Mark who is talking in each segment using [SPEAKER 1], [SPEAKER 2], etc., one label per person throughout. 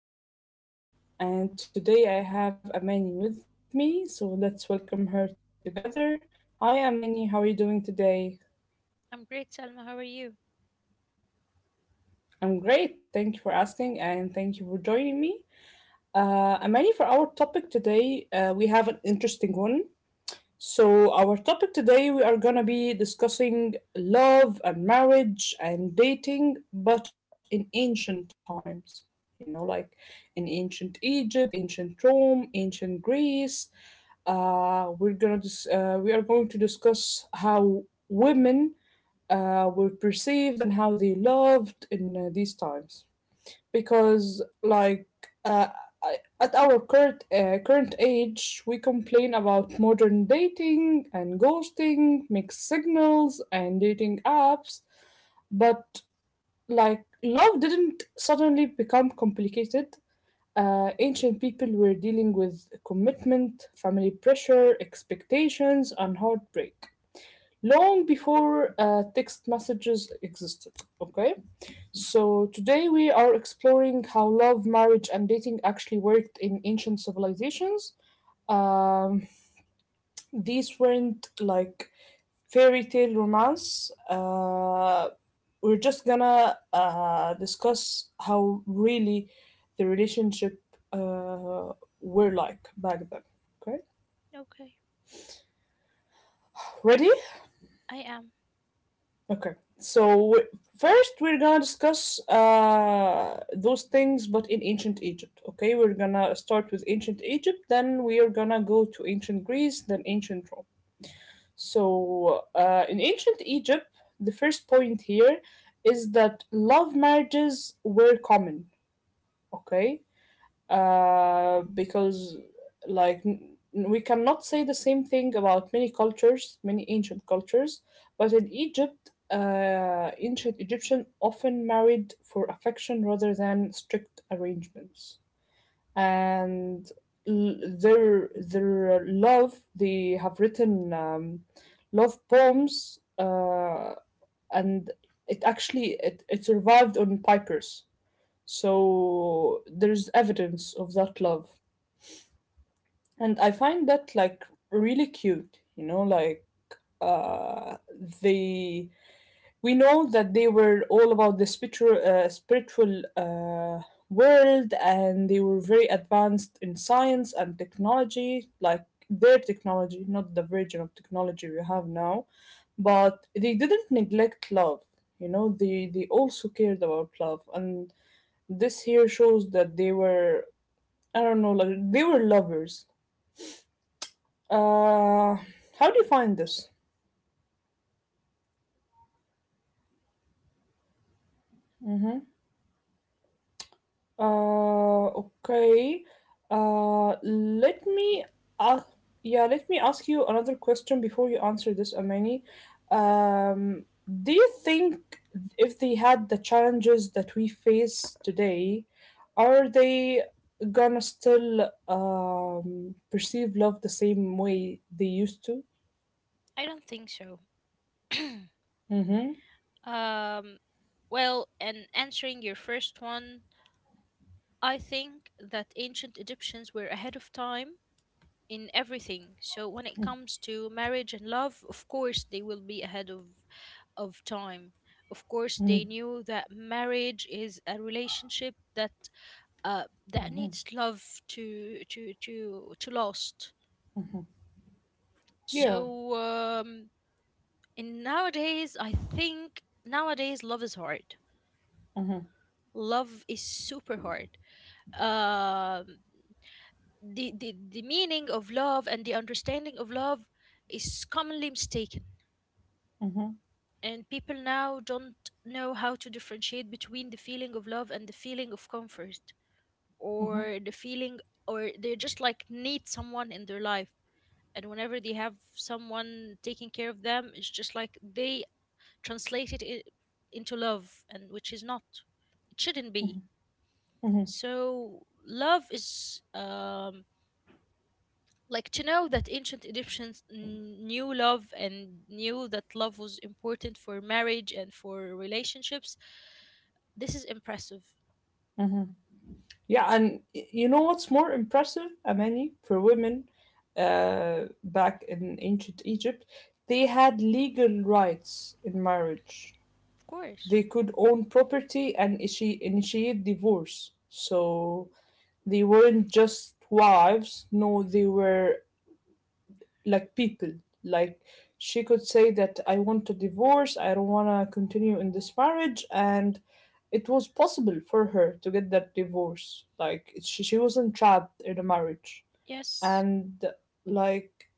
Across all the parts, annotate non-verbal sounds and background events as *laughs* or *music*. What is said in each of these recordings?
[SPEAKER 1] Everyone. This is your host Salma, and today I have Amani with me, so let's welcome her together. Hi, Amani, how are you doing today?
[SPEAKER 2] I'm great, Salma. How are you?
[SPEAKER 1] I'm great, thank you for asking, and thank you for joining me. Amani, for our topic today, we have an interesting one. So, our topic today, we are going to be discussing love and marriage and dating, but in ancient times. Like in ancient Egypt, ancient Rome, ancient Greece. We are going to discuss how women were perceived and how they loved in these times, because like uh, at our current age, we complain about modern dating and ghosting, mixed signals, and dating apps, but like love didn't suddenly become complicated. Ancient people were dealing with commitment, family pressure, expectations, and heartbreak long before text messages existed. Okay, so today we are exploring how love, marriage, and dating actually worked in ancient civilizations. Um, these weren't like fairy tale romance. We're just gonna discuss how really the relationship were like back then. Okay,
[SPEAKER 2] Okay.
[SPEAKER 1] ready?
[SPEAKER 2] I am.
[SPEAKER 1] Okay. So first we're gonna discuss those things, but in ancient Egypt. Okay, we're gonna start with ancient Egypt, then we are gonna go to ancient Greece, then ancient Rome. So in ancient Egypt, the first point here is that love marriages were common. Okay, because like we cannot say the same thing about many cultures, many ancient cultures, but in Egypt, ancient Egyptian often married for affection rather than strict arrangements, and their love, they have written love poems, and it survived on papyrus, so there's evidence of that love. And I find that like really cute, like uh they, we know that they were all about the spiritual world, and they were very advanced in science and technology, like their technology, not the version of technology we have now, but they didn't neglect love. You know, they also cared about love, and this here shows that they were, I don't know, like they were lovers. Uh, how do you find this? Okay. Let me. Uh, yeah, let me ask you another question before you answer this, Amani. Um, do you think if they had the challenges that we face today, are they gonna still perceive love the same way they used to?
[SPEAKER 2] I don't think so. *clears throat*
[SPEAKER 1] Mm-hmm.
[SPEAKER 2] um, well, and answering your first one, I think that ancient Egyptians were ahead of time in everything. So when it comes to marriage and love, of course they will be ahead of time. Of course they knew that marriage is a relationship that that needs love to last.
[SPEAKER 1] Yeah.
[SPEAKER 2] So, in nowadays, I think nowadays love is hard. Love is super hard. Um, the meaning of love and the understanding of love is commonly mistaken, and people now don't know how to differentiate between the feeling of love and the feeling of comfort, or the feeling, or they just like need someone in their life. And whenever they have someone taking care of them, it's just like they translated it into love, and which is not, it shouldn't be. So love is, like, to know that ancient Egyptians knew love and knew that love was important for marriage and for relationships, this is impressive.
[SPEAKER 1] Yeah, and you know what's more impressive, Amani, for women back in ancient Egypt? They had legal rights in marriage.
[SPEAKER 2] Of course.
[SPEAKER 1] They could own property and initiate divorce. So they weren't just wives, no, they were like people. Like, she could say that, "I want a divorce, I don't want to continue in this marriage," and it was possible for her to get that divorce. Like, she wasn't trapped in a marriage,
[SPEAKER 2] Yes.
[SPEAKER 1] and like,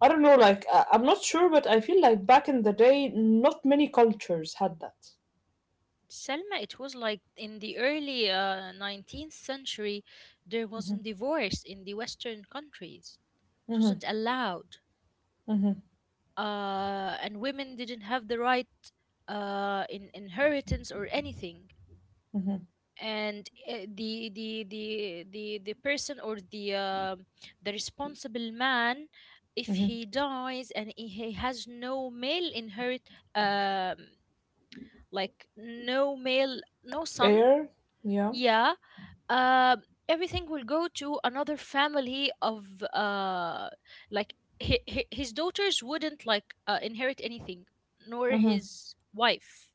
[SPEAKER 1] I don't know, like, I'm not sure, but I feel like back in the day, not many cultures had that.
[SPEAKER 2] Selma, it was like in the early 19th century, there wasn't divorce in the Western countries. It wasn't allowed.
[SPEAKER 1] Hmm.
[SPEAKER 2] And women didn't have the right in inheritance or anything.
[SPEAKER 1] Hmm.
[SPEAKER 2] And the the person, or the responsible man, if
[SPEAKER 1] Hmm.
[SPEAKER 2] he dies and he has no male inherit, um, like no male, no son,
[SPEAKER 1] Air, yeah.
[SPEAKER 2] yeah. Um, everything will go to another family of, like, hi hi his daughters wouldn't like inherit anything, nor
[SPEAKER 1] Hmm.
[SPEAKER 2] his wife.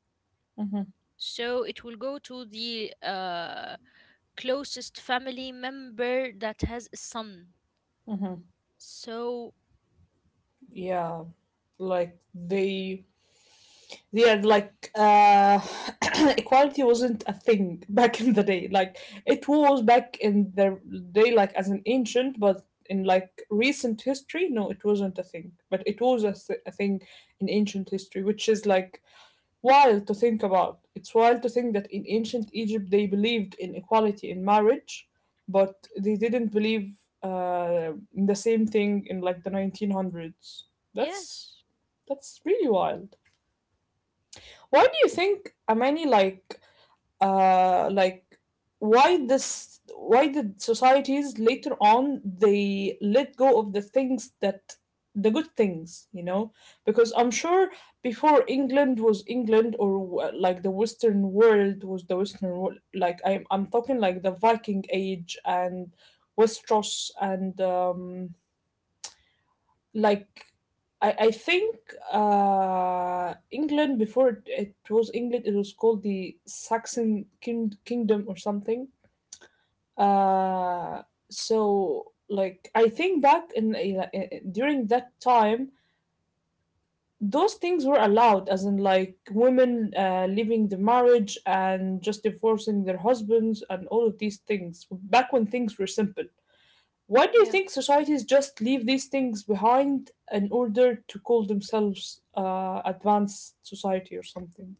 [SPEAKER 1] Hmm.
[SPEAKER 2] So it will go to the closest family member that has a son.
[SPEAKER 1] Hmm.
[SPEAKER 2] So
[SPEAKER 1] Yeah, like they, yeah, like *clears throat* equality wasn't a thing *laughs* back in the day. Like, it was back in the day, like, as an ancient, but in like recent history, no, it wasn't a thing, but it was a thing in ancient history, which is like wild to think about. It's wild to think that in ancient Egypt they believed in equality in marriage, but they didn't believe in the same thing in like the 1900s. that's
[SPEAKER 2] yes.
[SPEAKER 1] that's really wild. Why do you think many, like uh like why did societies later on they let go of the things that, the good things, you know, because I'm sure before England was England, or like the Western world was the Western world, like, I'm talking like the Viking Age and Westeros, and like, I think England before it was England, it was called the Saxon Kingdom or something. Uh, so like I think back in- during that time those things were allowed, as in like women leaving the marriage and just divorcing their husbands and all of these things, back when things were simple. Why do you
[SPEAKER 2] Yeah.
[SPEAKER 1] think societies just leave these things behind in order to call themselves advanced society or something?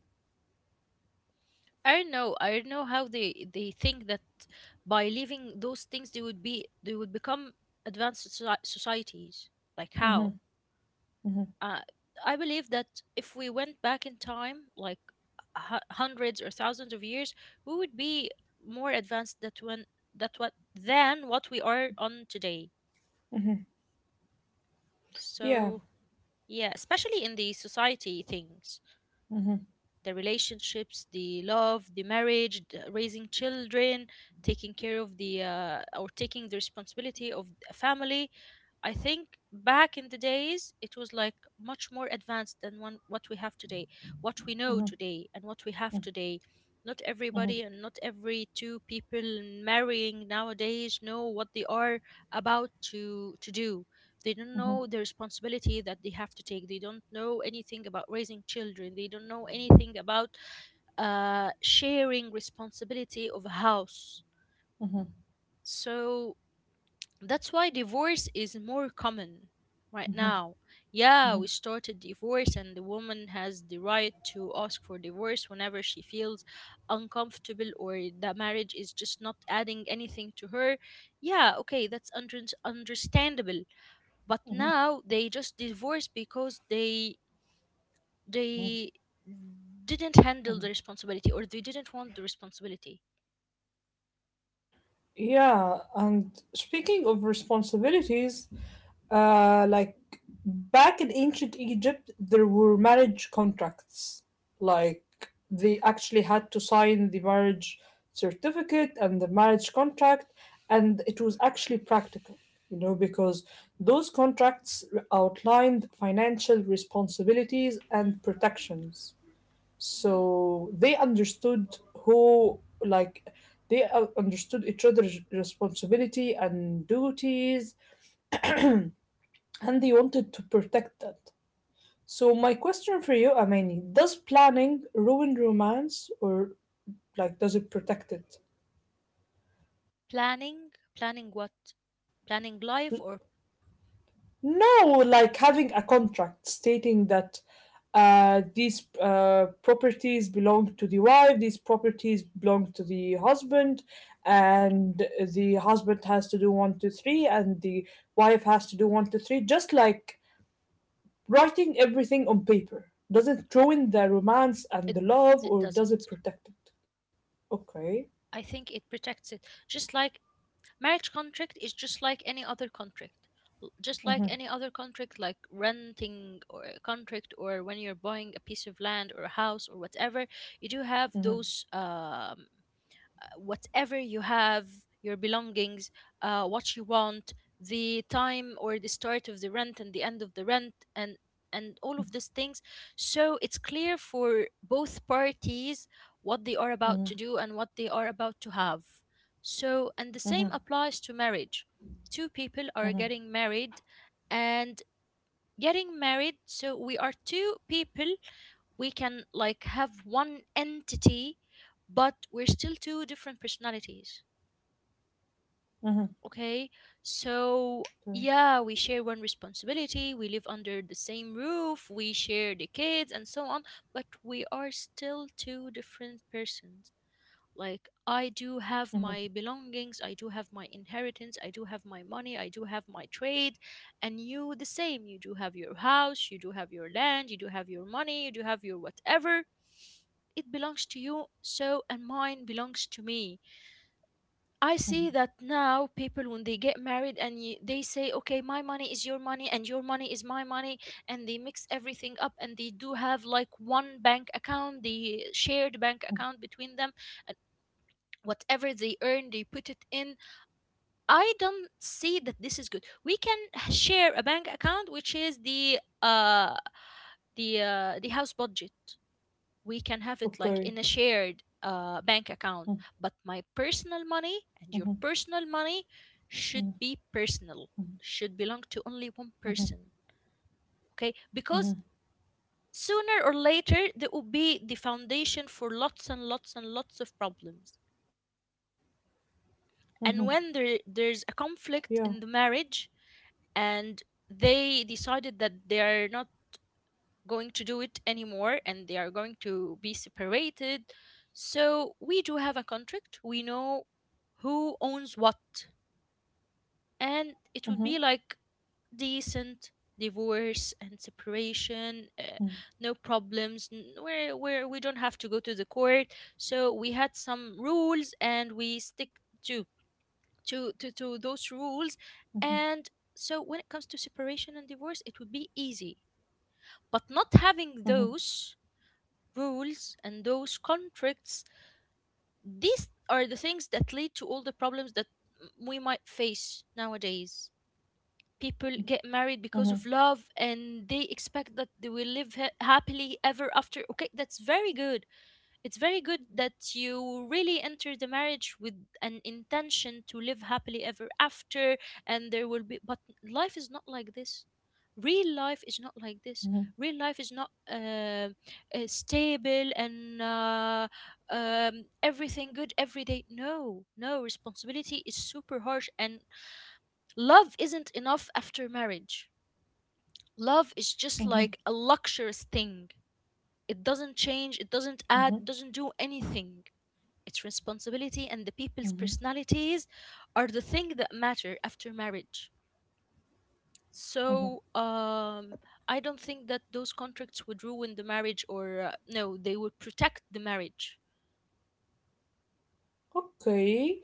[SPEAKER 2] I don't know. I don't know how they think that by leaving those things they would be, they would become advanced societies. Like how? uh, I believe that if we went back in time, like hundreds or thousands of years, we would be more advanced that when that what than what we are on today.
[SPEAKER 1] Yeah.
[SPEAKER 2] So yeah, especially in the society things,
[SPEAKER 1] Hmm.
[SPEAKER 2] the relationships, the love, the marriage, the raising children, taking care of the or taking the responsibility of a family, I think back in the days it was like much more advanced than what we have today, what we know today, and what we have today. Not
[SPEAKER 1] Hmm.
[SPEAKER 2] everybody and not every two people marrying nowadays know what they are about to do. They don't know the responsibility that they have to take. They don't know anything about raising children. They don't know anything about sharing responsibility of a house.
[SPEAKER 1] Hmm.
[SPEAKER 2] So that's why divorce is more common right now. Yeah,
[SPEAKER 1] Hmm.
[SPEAKER 2] we started divorce, and the woman has the right to ask for divorce whenever she feels uncomfortable or the marriage is just not adding anything to her. Yeah, okay, that's understandable. But now they just divorce because they didn't handle the responsibility or they didn't want the responsibility.
[SPEAKER 1] Yeah, and speaking of responsibilities, like back in ancient Egypt, there were marriage contracts. Like, they actually had to sign the marriage certificate and the marriage contract, and it was actually practical, you know, because those contracts outlined financial responsibilities and protections,
[SPEAKER 2] Hmm.
[SPEAKER 1] so they understood who like they understood each other's responsibility and duties, and they wanted to protect that. So my question for you, Amani, does planning ruin romance, or like, does it protect it?
[SPEAKER 2] Planning, planning what? Planning life, or?
[SPEAKER 1] No, like having a contract stating that these properties belong to the wife, these properties belong to the husband, and the husband has to do one, two, three, and the wife has to do one, two, three. Just like writing everything on paper. Does it ruin the romance and
[SPEAKER 2] it
[SPEAKER 1] the love,
[SPEAKER 2] it
[SPEAKER 1] or does it
[SPEAKER 2] doesn't.
[SPEAKER 1] protect it? Okay.
[SPEAKER 2] I think it protects it. Just like, marriage contract is just like any other contract. Just like any other contract, like renting or a contract, or when you're buying a piece of land or a house or whatever, you do have those, whatever you have, your belongings, what you want, the time or the start of the rent and the end of the rent, and all of these things. So it's clear for both parties what they are about to do and what they are about to have. So, and the same applies to marriage. Two people are getting married, and getting married, so we are two people, we can like have one entity, but we're still two different personalities.
[SPEAKER 1] Mm-hmm.
[SPEAKER 2] Okay.
[SPEAKER 1] Mm-hmm.
[SPEAKER 2] So yeah, we share one responsibility, we live under the same roof, we share the kids and so on, but we are still two different persons. Like, I do have my belongings, I do have my inheritance, I do have my money, I do have my trade, and you the same, you do have your house, you do have your land, you do have your money, you do have your whatever. It belongs to you, so, and mine belongs to me.
[SPEAKER 1] Mm-hmm.
[SPEAKER 2] I see that now people when they get married, they say, okay, my money is your money and your money is my money, and they mix everything up, and they do have like one bank account, the shared bank account between them, and whatever they earn they put it in. I don't see that this is good. We can share a bank account, which is the the house budget. We
[SPEAKER 1] Okay.
[SPEAKER 2] can have it like in a shared bank account, but my personal
[SPEAKER 1] Mm-hmm.
[SPEAKER 2] money and your personal money should be personal, should belong to only one person. Okay, because sooner or later there will be the foundation for lots and lots and lots of problems, and when there's a
[SPEAKER 1] Yeah.
[SPEAKER 2] conflict in the marriage and they decided that they are not going to do it anymore and they are going to be separated. So we do have a contract. We know who owns what.
[SPEAKER 1] Mm-hmm.
[SPEAKER 2] And it would be like decent divorce and separation,
[SPEAKER 1] Mm-hmm.
[SPEAKER 2] no problems, where, we don't have to go to the court. So we had some rules and we stick to, to those rules. And so when it comes to separation and divorce, it would be easy. But not
[SPEAKER 1] Mm-hmm.
[SPEAKER 2] having those rules and those contracts, these are the things that lead to all the problems that we might face nowadays. People get
[SPEAKER 1] Mm-hmm.
[SPEAKER 2] married because of love and they expect that they will live happily ever after. Okay, that's very good. It's very good that you really enter the marriage with an intention to live happily ever after, and there will be, but life is not like this. Real life is not like this. Real life is not stable, and everything good every day. No, no. Responsibility is super harsh, and love isn't enough after marriage. Love is
[SPEAKER 1] Mhm,
[SPEAKER 2] just like a luxurious thing. It doesn't change. It
[SPEAKER 1] mhm.
[SPEAKER 2] doesn't add. It doesn't do anything. Its responsibility and the people's personalities are the thing that matter after marriage. So I don't think that those contracts would ruin the marriage, or no, they would protect the marriage.
[SPEAKER 1] Okay.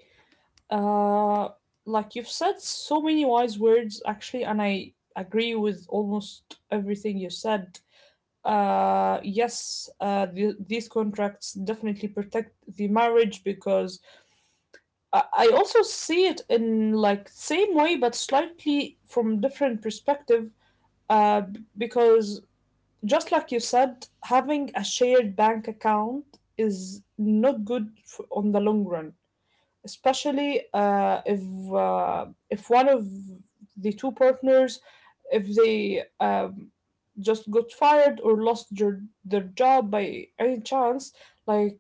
[SPEAKER 1] Uh, like, you've said so many wise words, actually, and I agree with almost everything you said. Yes, these contracts definitely protect the marriage, because I also see it in like same way but slightly from different perspective. Because just like you said, having a shared bank account is not good for, on the long run, especially if one of the two partners, if they just got fired or lost their job by any chance, like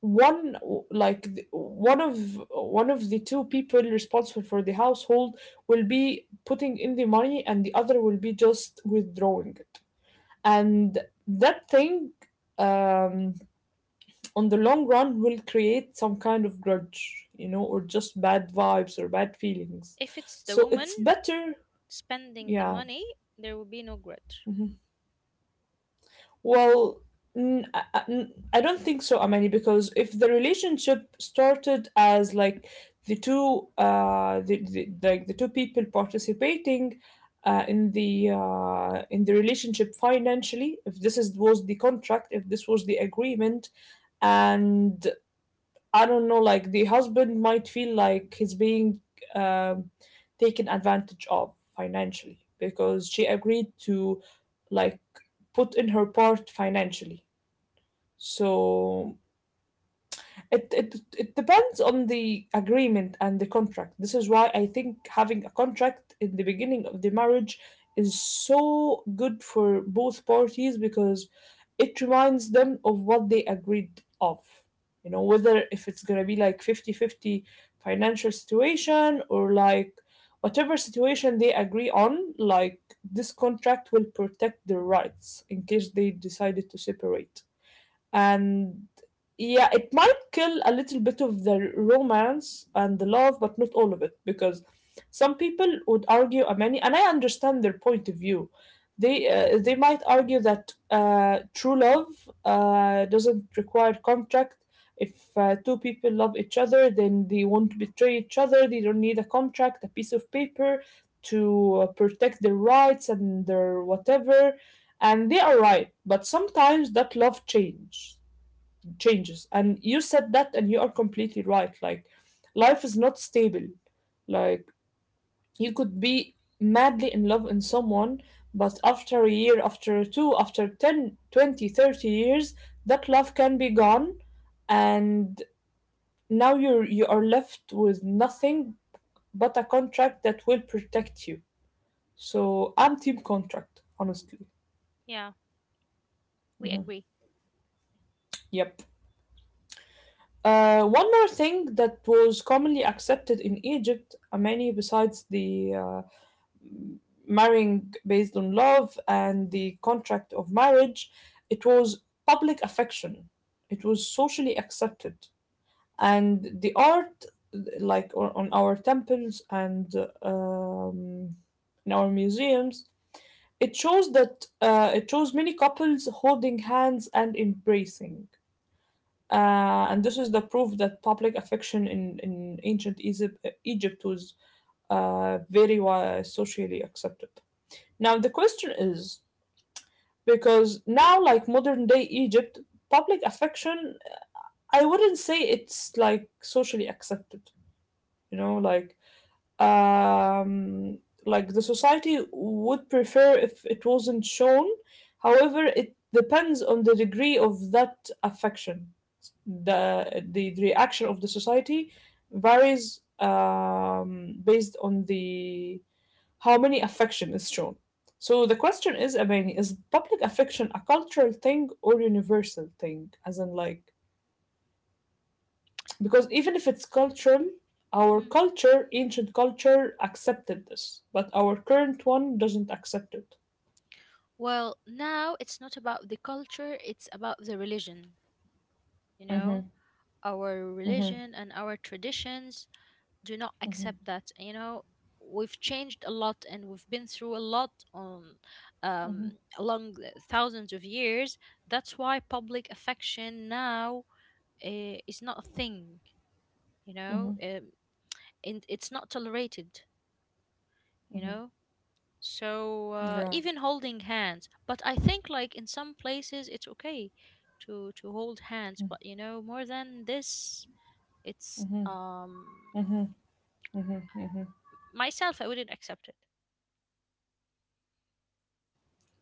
[SPEAKER 1] one like the- one of the two people responsible for the household will be putting in the money and the other will be just withdrawing it, and that thing, um on the long run, will create some kind of grudge, you know, or just bad vibes or bad feelings.
[SPEAKER 2] If it's the
[SPEAKER 1] So
[SPEAKER 2] woman
[SPEAKER 1] it's better,
[SPEAKER 2] spending the
[SPEAKER 1] yeah.
[SPEAKER 2] money, there will be no grudge.
[SPEAKER 1] Mhm. Well, I don't think so, Amani, because if the relationship started as like the two, the like the two people participating. In the relationship financially, if this is was the contract, if this was the agreement, and I don't know, like the husband might feel like he's being um, taken advantage of financially because she agreed to like put in her part financially. So it depends on the agreement and the contract. This is why I think having a contract in the beginning of the marriage is so good for both parties, because it reminds them of what they agreed of. You know, whether if it's gonna be like 50/50 financial situation, or like whatever situation they agree on, like this contract will protect their rights in case they decided to separate, and yeah, it might kill a little bit of the romance and the love, but not all of it, because some people would argue, many, and I understand their point of view. They might argue that true love doesn't require contract. If two people love each other, then they won't betray each other. They don't need a contract, a piece of paper to protect their rights and their whatever. And they are right, but sometimes that love changes. And you said that, and you are completely right. Like, life is not stable. Like, you could be madly in love in someone, but after a year, after two, after 10, 20, 30 years, that love can be gone. And now you're, you are left with nothing but a contract that will protect you. So, I'm team contract, honestly.
[SPEAKER 2] Yeah, we agree.
[SPEAKER 1] Yep. One more thing that was commonly accepted in Egypt, many, besides the marrying based on love and the contract of marriage, it was public affection. It was socially accepted. And the art, like on our temples and um, in our museums, it shows that it shows many couples holding hands and embracing. And this is the proof that public affection in ancient Egypt was socially accepted. Now, the question is, because now, like modern day Egypt, public affection, I wouldn't say it's like socially accepted, you know, like, um, like, the society would prefer if it wasn't shown. However, it depends on the degree of that affection, the the reaction of the society varies based on the how many affection is shown. So the question is, Abani, is public affection a cultural thing or universal thing? As in, like, because even if it's cultural, our
[SPEAKER 2] Mm.
[SPEAKER 1] culture, ancient culture, accepted this, but our current one doesn't accept it.
[SPEAKER 2] Well, now it's not about the culture, it's about the religion, you know? Our religion and our traditions do not accept that, you know. We've changed a lot and we've been through a lot on, um, along the thousands of years. That's why public affection now is not a thing, you know, and it's not tolerated, you know. So
[SPEAKER 1] Yeah.
[SPEAKER 2] even holding hands, but I think like in some places it's okay to hold hands, but you know, more than this, it's um,
[SPEAKER 1] Mm-hmm, mm-hmm.
[SPEAKER 2] myself, I wouldn't accept it.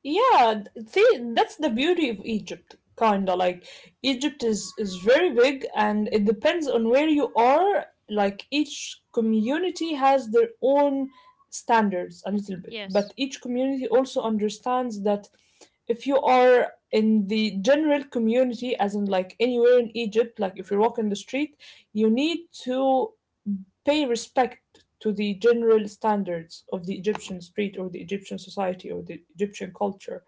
[SPEAKER 1] Yeah, see, that's the beauty of Egypt, kinda. Like Egypt is very big, and it depends on where you are. Like each community has their own standards a little bit,
[SPEAKER 2] Yes.
[SPEAKER 1] but each community also understands that if you are in the general community, as in like anywhere in Egypt, like if you walk in the street, you need to pay respect to the general standards of the Egyptian street or the Egyptian society or the Egyptian culture.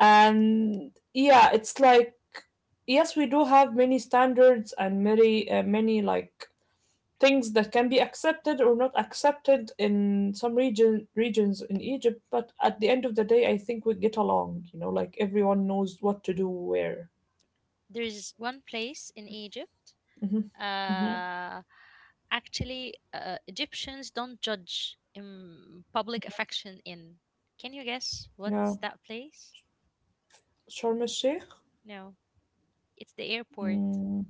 [SPEAKER 1] And yeah, it's like yes, we do have many standards and many many like things that can be accepted or not accepted in some regions in Egypt, but at the end of the day I think we get along like everyone knows what to do where.
[SPEAKER 2] There's one place in Egypt.
[SPEAKER 1] Hmm. Hmm.
[SPEAKER 2] Uh, actually, Egyptians don't judge public affection in. Can you guess
[SPEAKER 1] Yeah,
[SPEAKER 2] what's that place?
[SPEAKER 1] Sharm El Sheikh.
[SPEAKER 2] No, it's the airport.
[SPEAKER 1] Mm.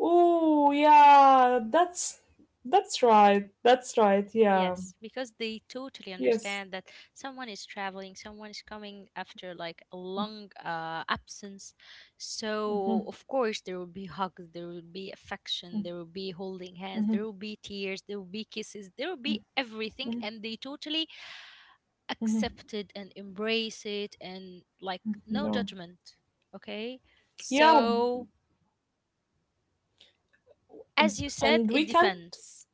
[SPEAKER 1] Oh yeah, that's that's right, yeah.
[SPEAKER 2] Yes, because they totally
[SPEAKER 1] Yes.
[SPEAKER 2] understand that someone is traveling, someone is coming after like a long absence. So,
[SPEAKER 1] Hmm.
[SPEAKER 2] of course, there will be hugs, there will be affection, there will be holding hands,
[SPEAKER 1] Hmm.
[SPEAKER 2] there will be tears, there will be kisses, there will be everything.
[SPEAKER 1] Hmm.
[SPEAKER 2] And they totally
[SPEAKER 1] Hmm.
[SPEAKER 2] accept it and embrace it and like no
[SPEAKER 1] Yeah.
[SPEAKER 2] judgment. Okay.
[SPEAKER 1] Yeah.
[SPEAKER 2] So,
[SPEAKER 1] Um,
[SPEAKER 2] as you said,
[SPEAKER 1] And we
[SPEAKER 2] it
[SPEAKER 1] can,
[SPEAKER 2] depends.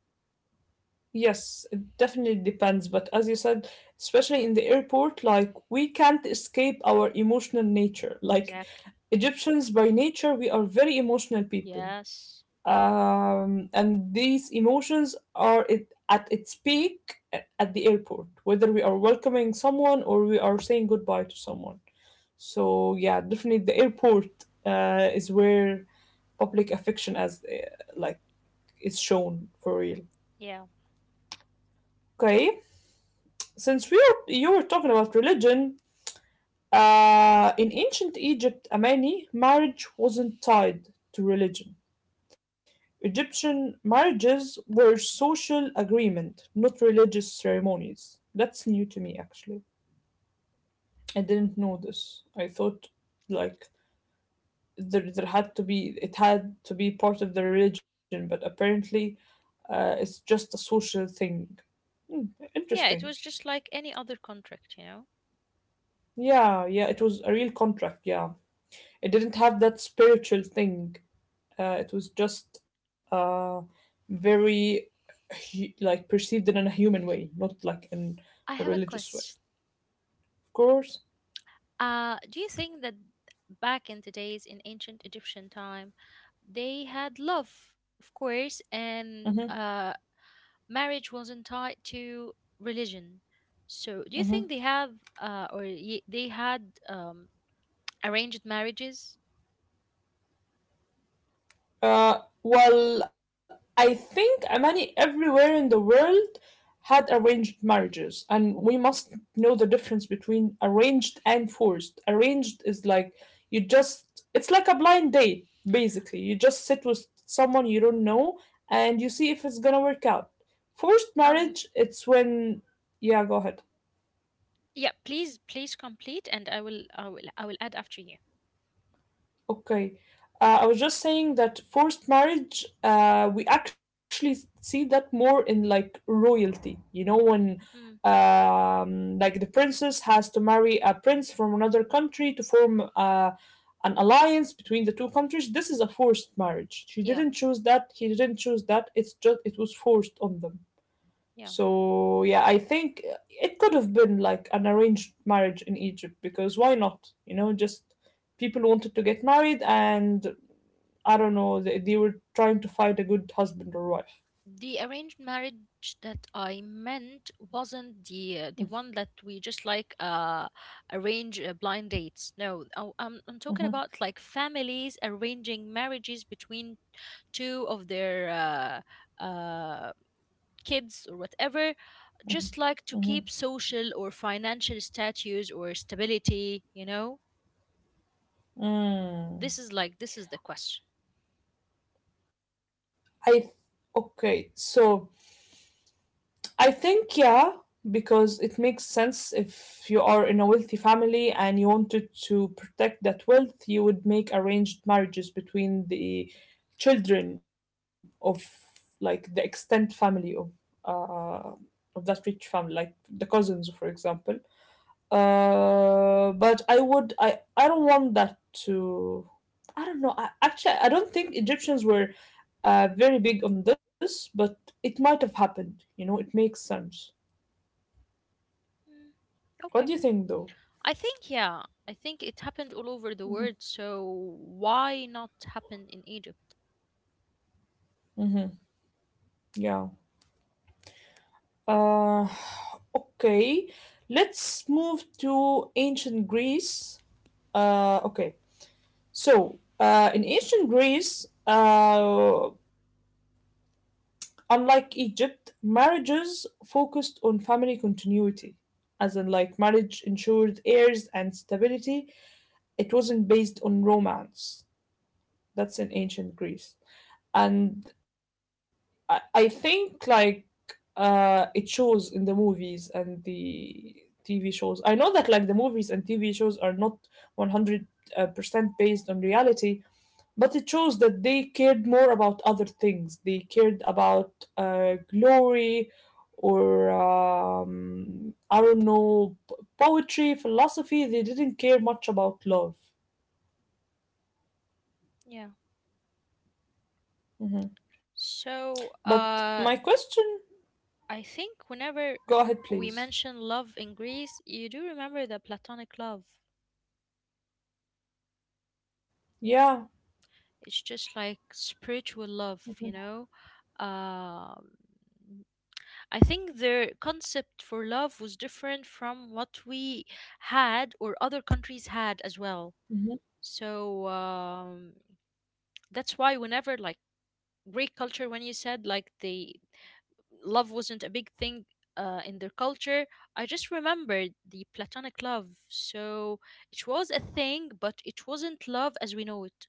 [SPEAKER 1] yes, it definitely depends. But as you said, especially in the airport, like we can't escape our emotional nature.
[SPEAKER 2] Exactly.
[SPEAKER 1] Egyptians by nature, we are very emotional people.
[SPEAKER 2] Yes.
[SPEAKER 1] And these emotions are at its peak at the airport, whether we are welcoming someone or we are saying goodbye to someone. So yeah, definitely the airport is where public affection as like is shown for real.
[SPEAKER 2] Yeah.
[SPEAKER 1] Okay, you were talking about religion, in ancient Egypt, Amani, marriage wasn't tied to religion. Egyptian marriages were social agreement, not religious ceremonies. That's new to me, actually. I didn't know this. I thought, like, there had to be, it had to be part of the religion, but apparently it's just a social thing. Hmm,
[SPEAKER 2] Yeah, it was
[SPEAKER 1] interesting.
[SPEAKER 2] just like any other contract, you know?
[SPEAKER 1] Yeah, yeah, it was a real contract, yeah. It didn't have that spiritual thing. It was just very like perceived in a human way, not in
[SPEAKER 2] I
[SPEAKER 1] a
[SPEAKER 2] have a
[SPEAKER 1] religious way.
[SPEAKER 2] question.
[SPEAKER 1] Of course.
[SPEAKER 2] Do you think that back in the days in ancient Egyptian time, they had love, of course,
[SPEAKER 1] Hmm.
[SPEAKER 2] and marriage wasn't tied to religion. So, do you think
[SPEAKER 1] Hmm.
[SPEAKER 2] they have they had arranged marriages?
[SPEAKER 1] Well, I think many everywhere in the world had arranged marriages, and we must know the difference between arranged and forced. Arranged is like you just, it's like a blind date, basically. You just sit with someone you don't know and you see if it's gonna work out. Forced
[SPEAKER 2] Um,
[SPEAKER 1] marriage, it's when, yeah, go ahead.
[SPEAKER 2] yeah, please, please complete, and I will add after you.
[SPEAKER 1] Okay. I was just saying that forced marriage, we actually see that more in like royalty. You know, when
[SPEAKER 2] Hmm.
[SPEAKER 1] like the princess has to marry a prince from another country to form an alliance between the two countries. This is a forced marriage. She
[SPEAKER 2] Yeah,
[SPEAKER 1] didn't choose that. He didn't choose that. It was forced on them.
[SPEAKER 2] yeah.
[SPEAKER 1] So yeah, I think it could have been like an arranged marriage in Egypt because why not? You know, just people wanted to get married and I don't know, they were trying to find a good husband or wife.
[SPEAKER 2] The arranged marriage that I meant wasn't the one that we just like arrange blind dates. No, I'm talking about like families arranging marriages between two of their kids or whatever, just like to keep social or financial status or stability. You know,
[SPEAKER 1] Mm.
[SPEAKER 2] this is like this is the question.
[SPEAKER 1] I Okay, so I think, yeah, because it makes sense if you are in a wealthy family and you wanted to protect that wealth, you would make arranged marriages between children of like the extent family uh, of that rich family, like the cousins, for example. But I would I don't want that to I don't know. Actually I don't think Egyptians were very big on this, but it might have happened. You know, it makes sense.
[SPEAKER 2] Mm,
[SPEAKER 1] What do
[SPEAKER 2] okay.
[SPEAKER 1] you think though?
[SPEAKER 2] I think, yeah, I think it happened all over the world, so why not happen in Egypt?
[SPEAKER 1] Yeah. Uh, okay. Let's move to ancient Greece. Okay. In ancient Greece, unlike Egypt, marriages focused on family continuity, as in like marriage ensured heirs and stability. It wasn't based on romance. That's in ancient Greece. And I think like it shows in the movies and the TV shows. I know that like the movies and TV 100% based on reality, but it shows that they cared more about other things. They cared about glory or I don't know poetry, philosophy. They didn't care much about love.
[SPEAKER 2] Yeah.
[SPEAKER 1] Mhm.
[SPEAKER 2] So,
[SPEAKER 1] But my question
[SPEAKER 2] I think whenever
[SPEAKER 1] Go ahead,
[SPEAKER 2] we mention
[SPEAKER 1] please.
[SPEAKER 2] love in Greece, you do remember the platonic love.
[SPEAKER 1] Yeah.
[SPEAKER 2] It's just like spiritual love, you know?
[SPEAKER 1] Mhm.
[SPEAKER 2] Um, I think their concept for love was different from what we had or other countries had as well.
[SPEAKER 1] Mhm.
[SPEAKER 2] So that's why whenever like Greek culture, when you said like the love wasn't a big thing in their culture. I just remembered the platonic love. So it was a thing, but it wasn't love as we know it.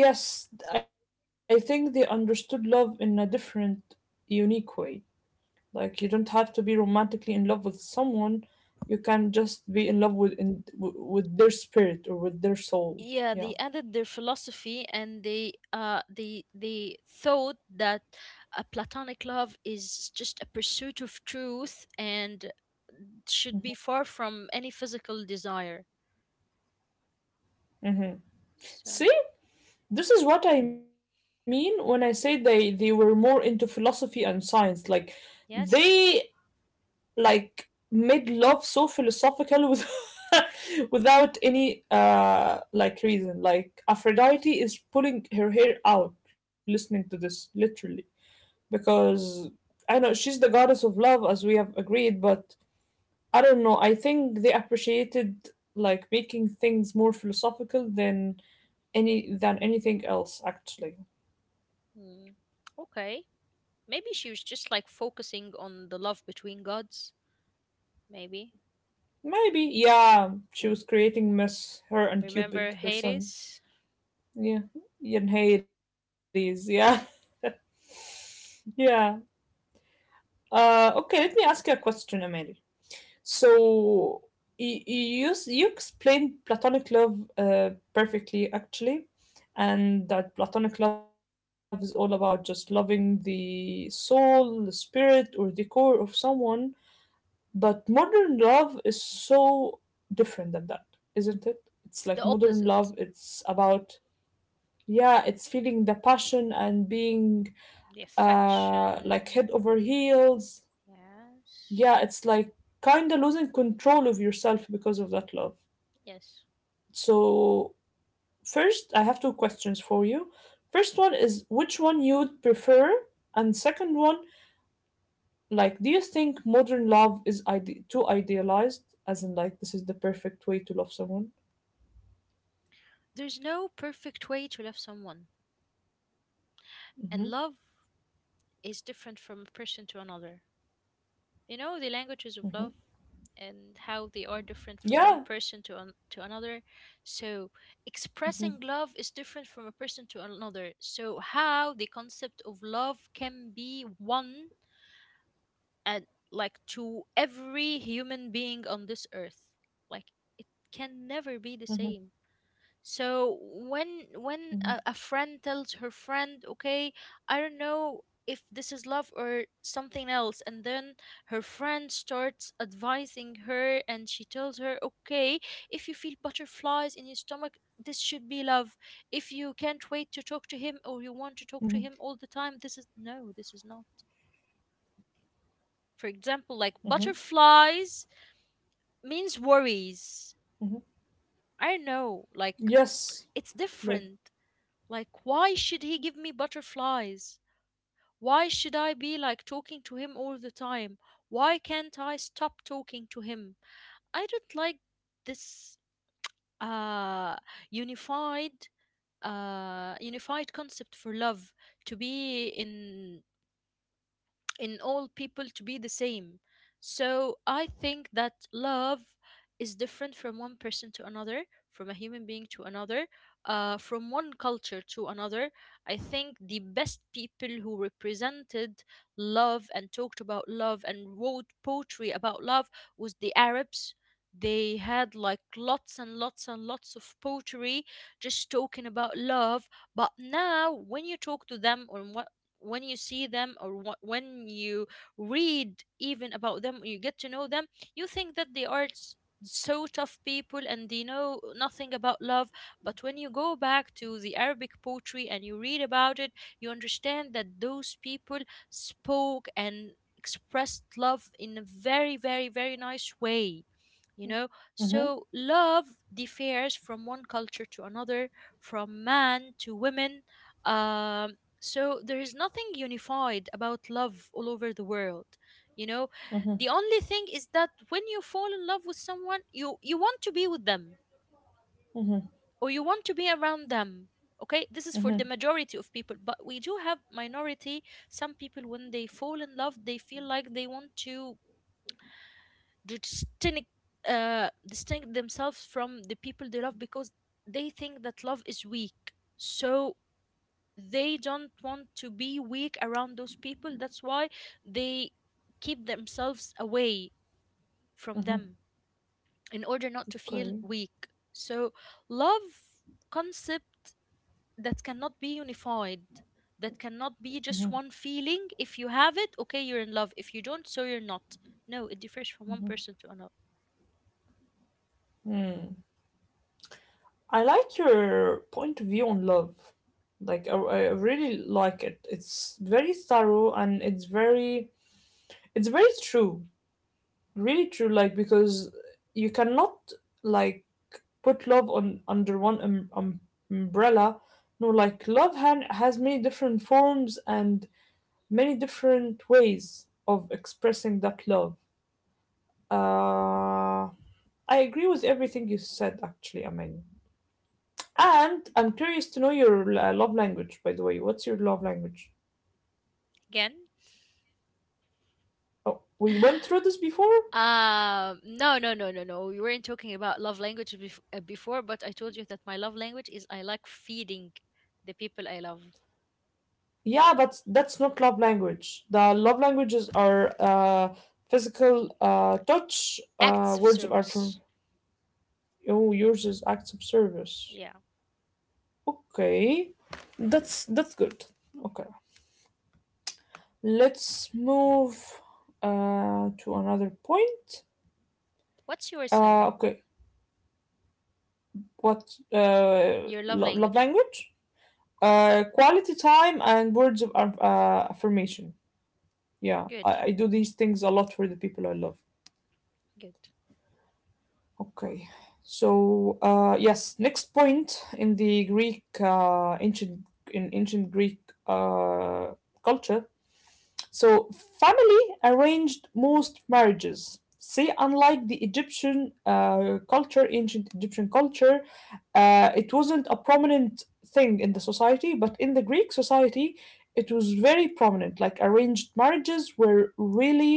[SPEAKER 1] Yes, I think they understood love in a different, unique way. Like, you don't have to be romantically in love with someone, you can just be in love with their spirit or with their soul.
[SPEAKER 2] Yeah,
[SPEAKER 1] Yeah.
[SPEAKER 2] they added their philosophy and they thought that a platonic love is just a pursuit of truth and should be far from any physical desire.
[SPEAKER 1] Hmm.
[SPEAKER 2] So
[SPEAKER 1] See, this is what I mean when I say they were more into philosophy and science. Like, they
[SPEAKER 2] yes.
[SPEAKER 1] like made love so philosophical with, *laughs* without any like reason, like Aphrodite is pulling her hair out listening to this literally because I know she's the goddess of love as we have agreed, but I don't know, I think they appreciated like making things more philosophical than anything else actually.
[SPEAKER 2] Mm. Okay. Maybe she was just like focusing on the love between gods. Maybe.
[SPEAKER 1] Maybe yeah, she was creating mess, her and
[SPEAKER 2] Remember
[SPEAKER 1] Cupid her son.
[SPEAKER 2] Hades?
[SPEAKER 1] Yeah, in Hades. Yeah, *laughs* yeah. Okay, let me ask you a question, Amel. So you explained platonic love perfectly, actually, and that platonic love is all about just loving the soul, the spirit, or the core of someone. But modern love is so different than that, isn't it? It's
[SPEAKER 2] It's
[SPEAKER 1] like
[SPEAKER 2] the
[SPEAKER 1] modern love.
[SPEAKER 2] opposite.
[SPEAKER 1] It's about yeah, it's feeling the passion and being
[SPEAKER 2] The
[SPEAKER 1] like
[SPEAKER 2] affection.
[SPEAKER 1] head over heels.
[SPEAKER 2] Yes.
[SPEAKER 1] Yeah, it's like kind of losing control of yourself because of that love.
[SPEAKER 2] Yes.
[SPEAKER 1] So, first, I have two questions for you. First one is which one you would prefer, and second one, like, do you think modern love is too idealized? As in, like, this is the perfect way to love someone?
[SPEAKER 2] There's no perfect way to love someone.
[SPEAKER 1] Hmm.
[SPEAKER 2] And love is different from person to another. You know the languages of
[SPEAKER 1] Hmm.
[SPEAKER 2] love and how they are different from one
[SPEAKER 1] Yeah.
[SPEAKER 2] person to to another. So expressing
[SPEAKER 1] Hmm.
[SPEAKER 2] love is different from a person to another. So, how the concept of love can be one and like to every human being on this earth, like it can never be
[SPEAKER 1] Hmm.
[SPEAKER 2] the same. So when
[SPEAKER 1] Hmm.
[SPEAKER 2] when a friend tells her friend, okay, I don't know if this is love or something else, and then her friend starts advising her and she tells her, okay, if you feel butterflies in your stomach, this should be love. If you can't wait to talk to him or you want to talk to him all the time, this is no, this is not.
[SPEAKER 1] Hmm.
[SPEAKER 2] For example, like butterflies means
[SPEAKER 1] Hmm.
[SPEAKER 2] worries. I don't know,
[SPEAKER 1] Yes.
[SPEAKER 2] like
[SPEAKER 1] Like,
[SPEAKER 2] it's different. Like, why should he give me butterflies? Why should I be like talking to him all the time? Why can't I stop talking to him? I don't like this uh unified unified concept for love to be in all people to be the same. So I think that love is different from one person to another, from a human being to another, from one culture to another. I think the best people who represented love and talked about love and wrote poetry about love was the Arabs. They had like lots and lots and lots of poetry just talking about love. But now, when you talk to them, on when you see them or when you read even about them, you get to know them, you think that they are so tough people and they know nothing about love. But when you go back to the Arabic poetry and you read about it, you understand that those people spoke and expressed love in a very, very, very nice way, you know.
[SPEAKER 1] Mm-hmm.
[SPEAKER 2] So love differs from one culture to another, from man to women. So there is nothing unified about love all over the world, you know.
[SPEAKER 1] Mm-hmm.
[SPEAKER 2] The only thing is that when you fall in love with someone, you want to be with them
[SPEAKER 1] Mm-hmm.
[SPEAKER 2] or you want to be around them. Okay, this is for the majority of people, but we do have minority. Some people, when they fall in love, they feel like they want to to distinct, distinct themselves from the people they love because they think that love is weak. So they don't want to be weak around those people. That's why they keep themselves away from them in order not to feel
[SPEAKER 1] Okay.
[SPEAKER 2] weak. So love, concept that cannot be unified, that cannot be just one feeling. If you have it, okay, you're in love. If you don't, so you're not. No, it differs from one person to another.
[SPEAKER 1] I like your point of view on love. Like I really like it. It's very thorough and it's very true. Really true, like because you cannot like put love on under one umbrella. No, like love han has many different forms and many different ways of expressing that love. Uh I agree with everything you said actually, Amelia. And I'm curious to know your love language, by the way. What's your love language?
[SPEAKER 2] Again.
[SPEAKER 1] Oh, we went
[SPEAKER 2] *laughs*
[SPEAKER 1] through this before?
[SPEAKER 2] No, no, no, no, no. We weren't talking about love language before, but I told you that my love language is I like feeding the people I love.
[SPEAKER 1] Yeah, but that's not love language. The love languages are physical touch,
[SPEAKER 2] Acts of
[SPEAKER 1] words are from
[SPEAKER 2] service.
[SPEAKER 1] oh, yours is acts of service.
[SPEAKER 2] Yeah.
[SPEAKER 1] Okay, that's good. Okay, let's move to another point.
[SPEAKER 2] What's yours, Selma?
[SPEAKER 1] Okay, what
[SPEAKER 2] Your love
[SPEAKER 1] love
[SPEAKER 2] language.
[SPEAKER 1] language? Quality time and words of affirmation. Yeah,
[SPEAKER 2] Good.
[SPEAKER 1] I do these things a lot for the people I love.
[SPEAKER 2] Good.
[SPEAKER 1] Okay, so yes, next point in the Greek ancient Greek uh, culture. So, family arranged most marriages. See, unlike the Egyptian culture, ancient Egyptian culture, it wasn't a prominent thing in the society, but in the Greek society, it was very prominent. Like arranged marriages were really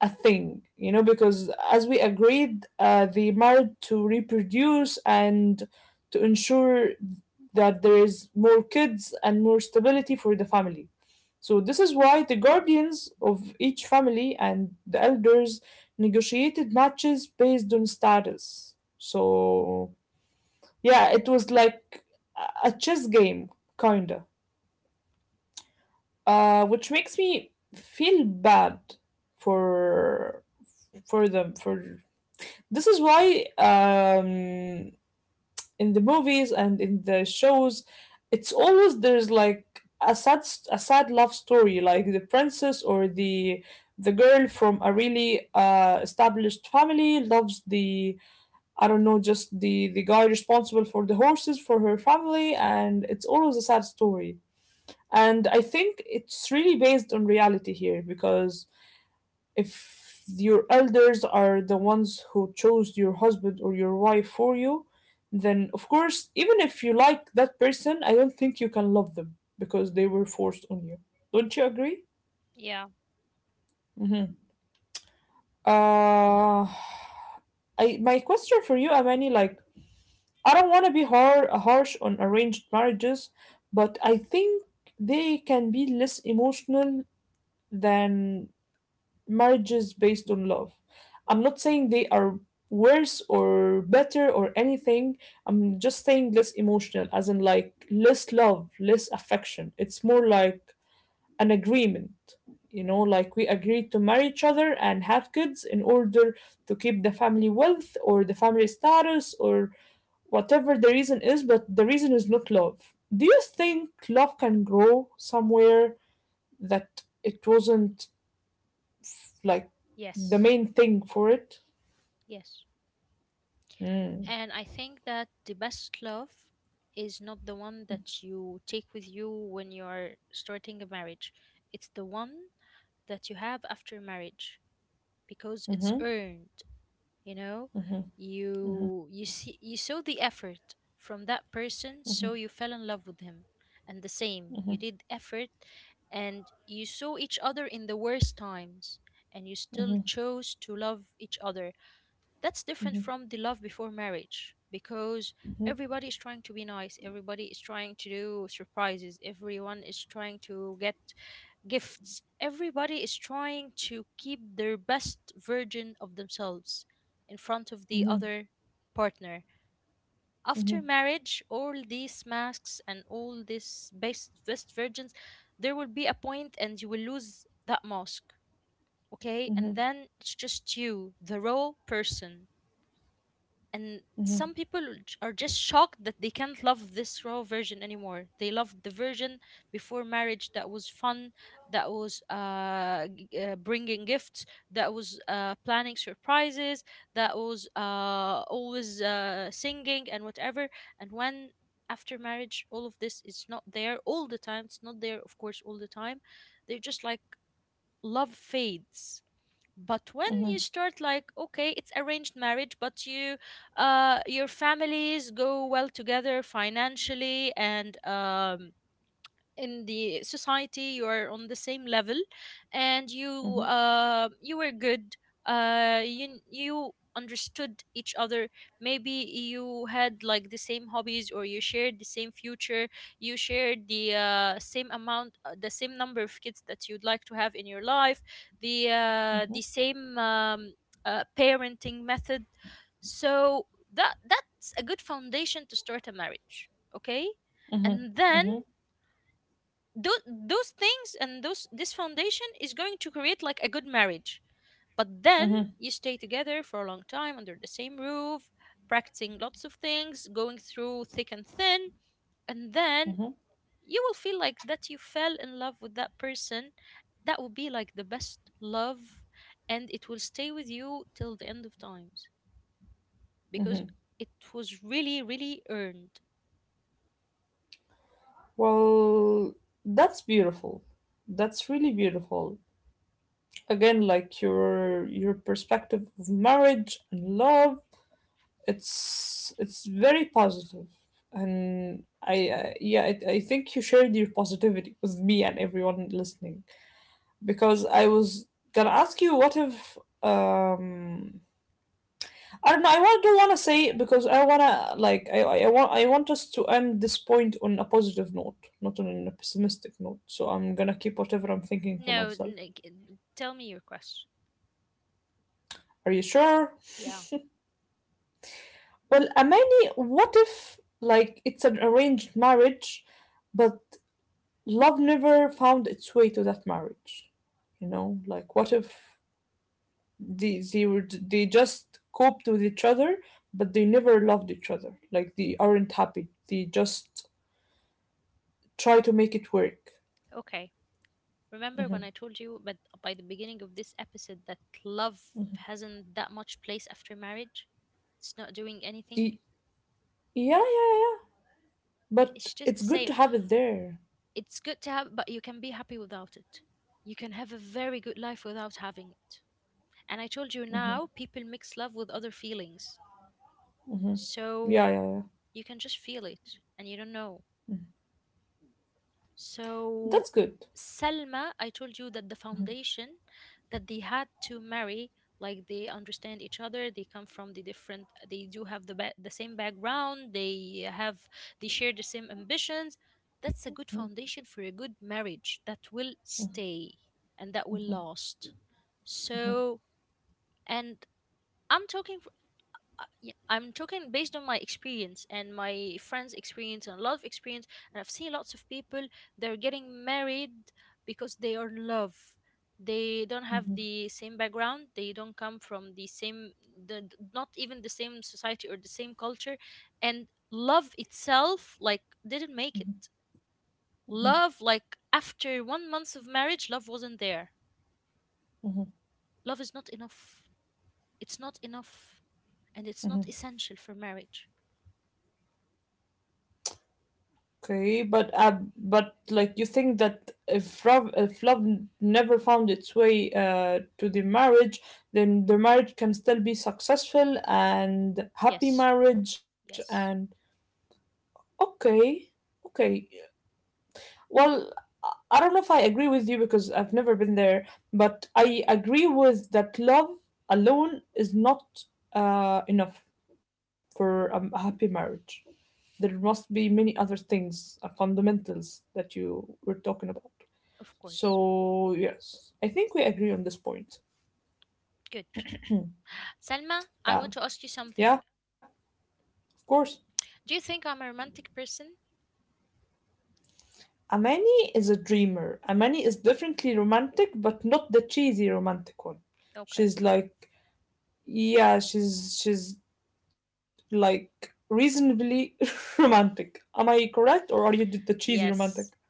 [SPEAKER 1] a thing, you know, because as we agreed, they married to reproduce and to ensure that there is more kids and more stability for the family. So this is why the guardians of each family and the elders negotiated matches based on status. So yeah, it was like a chess game, kinda. Which makes me feel bad for for them for this is why in the movies and in the shows, it's always there's like a sad a sad love story, like the princess or the girl from a really established family loves the I don't know just the guy responsible for the horses for her family, and it's always a sad story. And I think it's really based on reality here because if your elders are the ones who chose your husband or your wife for you, then of course, even if you like that person, I don't think you can love them because they were forced on you. Don't you agree?
[SPEAKER 2] Yeah.
[SPEAKER 1] Hmm. Uh, I my question for you, Amani, like I don't want to be harsh on arranged marriages, but I think they can be less emotional than marriages based on love. I'm not saying they are worse or better or anything. I'm just saying less emotional, as in like less love, less affection. It's more like an agreement. You know, like we agreed to marry each other and have kids in order to keep the family wealth or the family status or whatever the reason is, but the reason is not love. Do you think love can grow somewhere that it wasn't like the
[SPEAKER 2] Yes.
[SPEAKER 1] main thing for it.
[SPEAKER 2] Yes.
[SPEAKER 1] Mm.
[SPEAKER 2] And I think that the best love is not the one that you take with you when you are starting a marriage. It's the one that you have after marriage, because it's
[SPEAKER 1] Mm-hmm,
[SPEAKER 2] earned, you know. You see, you saw the effort from that person, so you fell in love with him, and the same, you did effort, and you saw each other in the worst times, and you still chose to love each other. That's different from the love before marriage, because everybody is trying to be nice, everybody is trying to do surprises, everyone is trying to get gifts. Everybody is trying to keep their best version of themselves in front of the
[SPEAKER 1] mm-hmm,
[SPEAKER 2] other partner. After
[SPEAKER 1] mm-hmm,
[SPEAKER 2] marriage, all these masks and all these best virgins, there will be a point and you will lose that mask. Okay, and then it's just you, the raw person. And some people are just shocked that they can't love this raw version anymore. They loved the version before marriage that was fun, that was bringing gifts, that was planning surprises, that was always singing and whatever. And when, after marriage, all of this is not there all the time, it's not there of course all the time, they're just like, love fades. But when you
[SPEAKER 1] mm-hmm,
[SPEAKER 2] start like, okay, it's arranged marriage, but you, your families go well together financially, and in the society you are on the same level, and you,
[SPEAKER 1] mm-hmm,
[SPEAKER 2] you were good you you understood each other. Maybe you had like the same hobbies, or you shared the same future, you shared the same amount, the same number of kids that you'd like to have in your life, the same parenting method. So that's a good foundation to start a marriage, okay.
[SPEAKER 1] mm-hmm,
[SPEAKER 2] And then
[SPEAKER 1] mm-hmm,
[SPEAKER 2] those things and those this foundation is going to create like a good marriage. But then
[SPEAKER 1] mm-hmm,
[SPEAKER 2] you stay together for a long time under the same roof, practicing lots of things, going through thick and thin, and then
[SPEAKER 1] mm-hmm.
[SPEAKER 2] you will feel like that you fell in love with that person. That will be like the best love, and it will stay with you till the end of times, because it was really, really earned.
[SPEAKER 1] Well, that's beautiful. That's really beautiful. Again, like your perspective of marriage and love, it's very positive. And I yeah, I think you shared your positivity with me and everyone listening because I was gonna ask you what if um I don't know. I want to say it because I wanna like I want us to end this point on a positive note, not on a pessimistic note. So I'm gonna keep whatever I'm thinking to
[SPEAKER 2] No,
[SPEAKER 1] myself.
[SPEAKER 2] tell me your question.
[SPEAKER 1] Are you sure?
[SPEAKER 2] Yeah.
[SPEAKER 1] Well, Amani, what if like it's an arranged marriage, but love never found its way to that marriage? You know, like what if they just coped with each other, but they never loved each other. Like they aren't happy. They just try to make it work.
[SPEAKER 2] Okay. Remember when I told you, but by the beginning of this episode, that love hasn't that much place after marriage? It's not doing anything.
[SPEAKER 1] Y- yeah, yeah, yeah, yeah. But
[SPEAKER 2] It's
[SPEAKER 1] it's
[SPEAKER 2] just the
[SPEAKER 1] good to
[SPEAKER 2] same.
[SPEAKER 1] have it there.
[SPEAKER 2] It's good to have, but you can be happy without it. You can have a very good life without having it. And I told you, now people mix love with other feelings.
[SPEAKER 1] Yeah,
[SPEAKER 2] So
[SPEAKER 1] yeah, yeah.
[SPEAKER 2] you can just feel it and you don't know. So,
[SPEAKER 1] That's good.
[SPEAKER 2] Selma, I told you that the foundation that they had to marry, like they understand each other, they come from the different, they do have the the same background, they have, they share the same ambitions. That's a good foundation for a good marriage that will stay and that will last. So, and I'm talking, I'm talking based on my experience and my friends' experience and a lot of experience, and I've seen lots of people, they're getting married because they are in love. They don't have the same background. They don't come from the same, the, not even the same society or the same culture, and love itself like didn't make it. Love like after one month of marriage, love wasn't there. Love is not enough. It's not enough, and it's not essential for marriage.
[SPEAKER 1] Okay, but like you think that if love never found its way to the marriage, then the marriage can still be successful and happy
[SPEAKER 2] Yes.
[SPEAKER 1] marriage and
[SPEAKER 2] Yes.
[SPEAKER 1] okay, okay. Well, I don't know if I agree with you because I've never been there, but I agree with that love alone is not enough for a happy marriage. There must be many other things, fundamentals that you were talking about.
[SPEAKER 2] Of course.
[SPEAKER 1] So, yes, I think we agree on this point.
[SPEAKER 2] Good. Salma, I
[SPEAKER 1] Yeah,
[SPEAKER 2] want to ask you something.
[SPEAKER 1] yeah, of course.
[SPEAKER 2] Do you think I'm a romantic person?
[SPEAKER 1] Amani is a dreamer. Amani is definitely romantic, but not the cheesy romantic one.
[SPEAKER 2] Okay.
[SPEAKER 1] She's like, yeah, she's like reasonably *laughs* romantic. Am I correct or are you the cheesy
[SPEAKER 2] Yes.
[SPEAKER 1] romantic?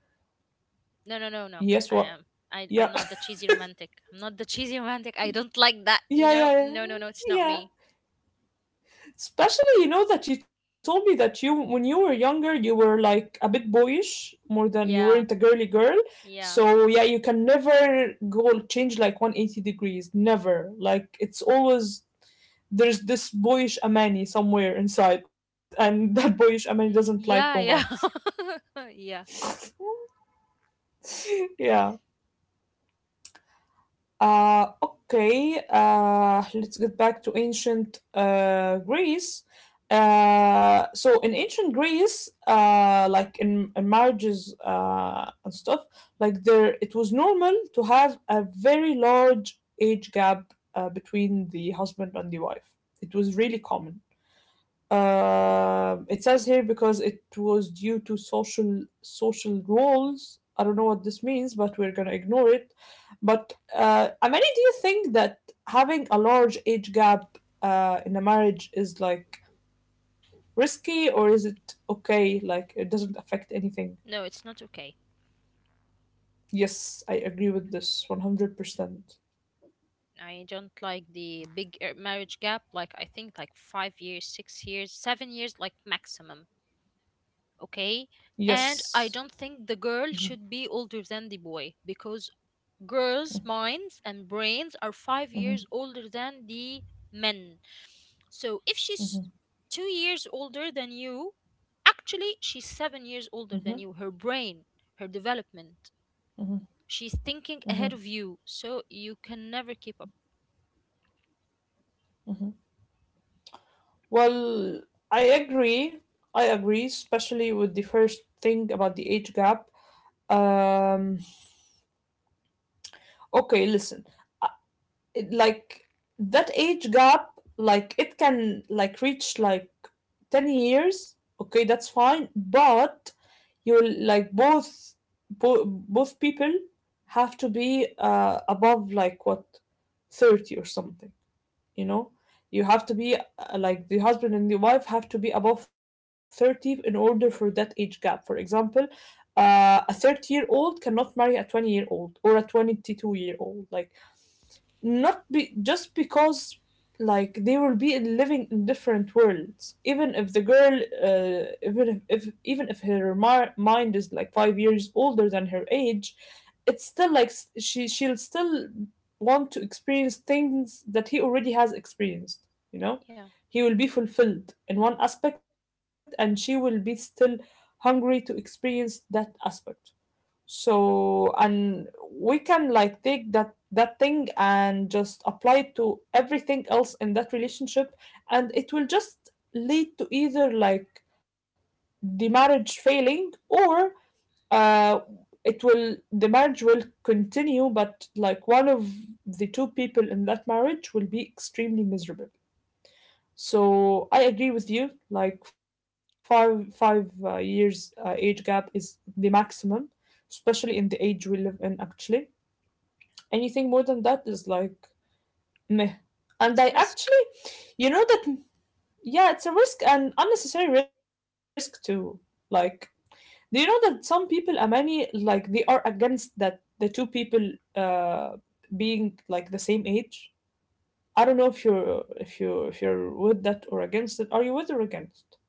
[SPEAKER 2] No, no, no, no.
[SPEAKER 1] Yes,
[SPEAKER 2] I
[SPEAKER 1] what?
[SPEAKER 2] am. I'm
[SPEAKER 1] Yeah.
[SPEAKER 2] not the cheesy romantic. I'm not the *laughs* cheesy romantic. I don't like that,
[SPEAKER 1] *laughs*
[SPEAKER 2] you
[SPEAKER 1] yeah,
[SPEAKER 2] know?
[SPEAKER 1] yeah, yeah.
[SPEAKER 2] No, no, no. It's not
[SPEAKER 1] Yeah.
[SPEAKER 2] me.
[SPEAKER 1] Especially, you know, that you told me that when you were younger, you were like a bit boyish more than you weren't a
[SPEAKER 2] Yeah.
[SPEAKER 1] girly girl.
[SPEAKER 2] Yeah.
[SPEAKER 1] So, yeah, you can never go change like 180 degrees. Never. Like, it's always there's this boyish Amani somewhere inside, and *laughs* that boyish Amani doesn't like
[SPEAKER 2] Yeah,
[SPEAKER 1] romance.
[SPEAKER 2] yeah. *laughs* Yeah.
[SPEAKER 1] *laughs* Yeah. Okay, let's get back to ancient Greece. So in ancient Greece, like in marriages and stuff, like there, it was normal to have a very large age gap between the husband and the wife. It was really common. It says here because it was due to social roles. I don't know what this means, but we're gonna ignore it. But Amani, do you think that having a large age gap in a marriage is like risky, or is it okay? Like it doesn't affect anything?
[SPEAKER 2] No, it's not okay.
[SPEAKER 1] Yes, I agree with this 100%.
[SPEAKER 2] I don't like the big marriage gap. Like, I think like 5 years, 6 years, 7 years, like maximum. Okay.
[SPEAKER 1] Yes.
[SPEAKER 2] And I don't think the girl should be older than the boy, because girls' minds and brains are 5 years older than the men. So if she's 2 years older than you, actually she's 7 years older than you. Her brain, her development, she's thinking ahead of you, so you can never keep up.
[SPEAKER 1] Well, I agree. I agree, especially with the first thing about the age gap. Um, okay, listen. Like that age gap, like it can like reach like 10 years. Okay, that's fine, but you like both both people have to be above like what, 30 or something. You know, you have to be like the husband and the wife have to be above 30 in order for that age gap. For example, a 30-year-old cannot marry a 20-year-old or a 22-year old, like not be just because like they will be living in different worlds. Even if the girl, uh, even if, even if her mind is like 5 years older than her age, it's still like, she'll still want to experience things that he already has experienced you know
[SPEAKER 2] Yeah,
[SPEAKER 1] he will be fulfilled in one aspect and she will be still hungry to experience that aspect. So and we can like take that thing and just apply it to everything else in that relationship, and it will just lead to either like the marriage failing, or uh it will the marriage will continue, but like one of the two people in that marriage will be extremely miserable. So I agree with you. Like five years age gap is the maximum, especially in the age we live in. Actually, anything more than that is like meh. And
[SPEAKER 2] it's
[SPEAKER 1] I
[SPEAKER 2] a risk.
[SPEAKER 1] actually, you know that, yeah, it's a risk, and unnecessary risk too. Like, do you know that some people, Amani, like they are against that the two people uh being like the same age. I don't know if you're if you if you're with that or against it. Are you with or against?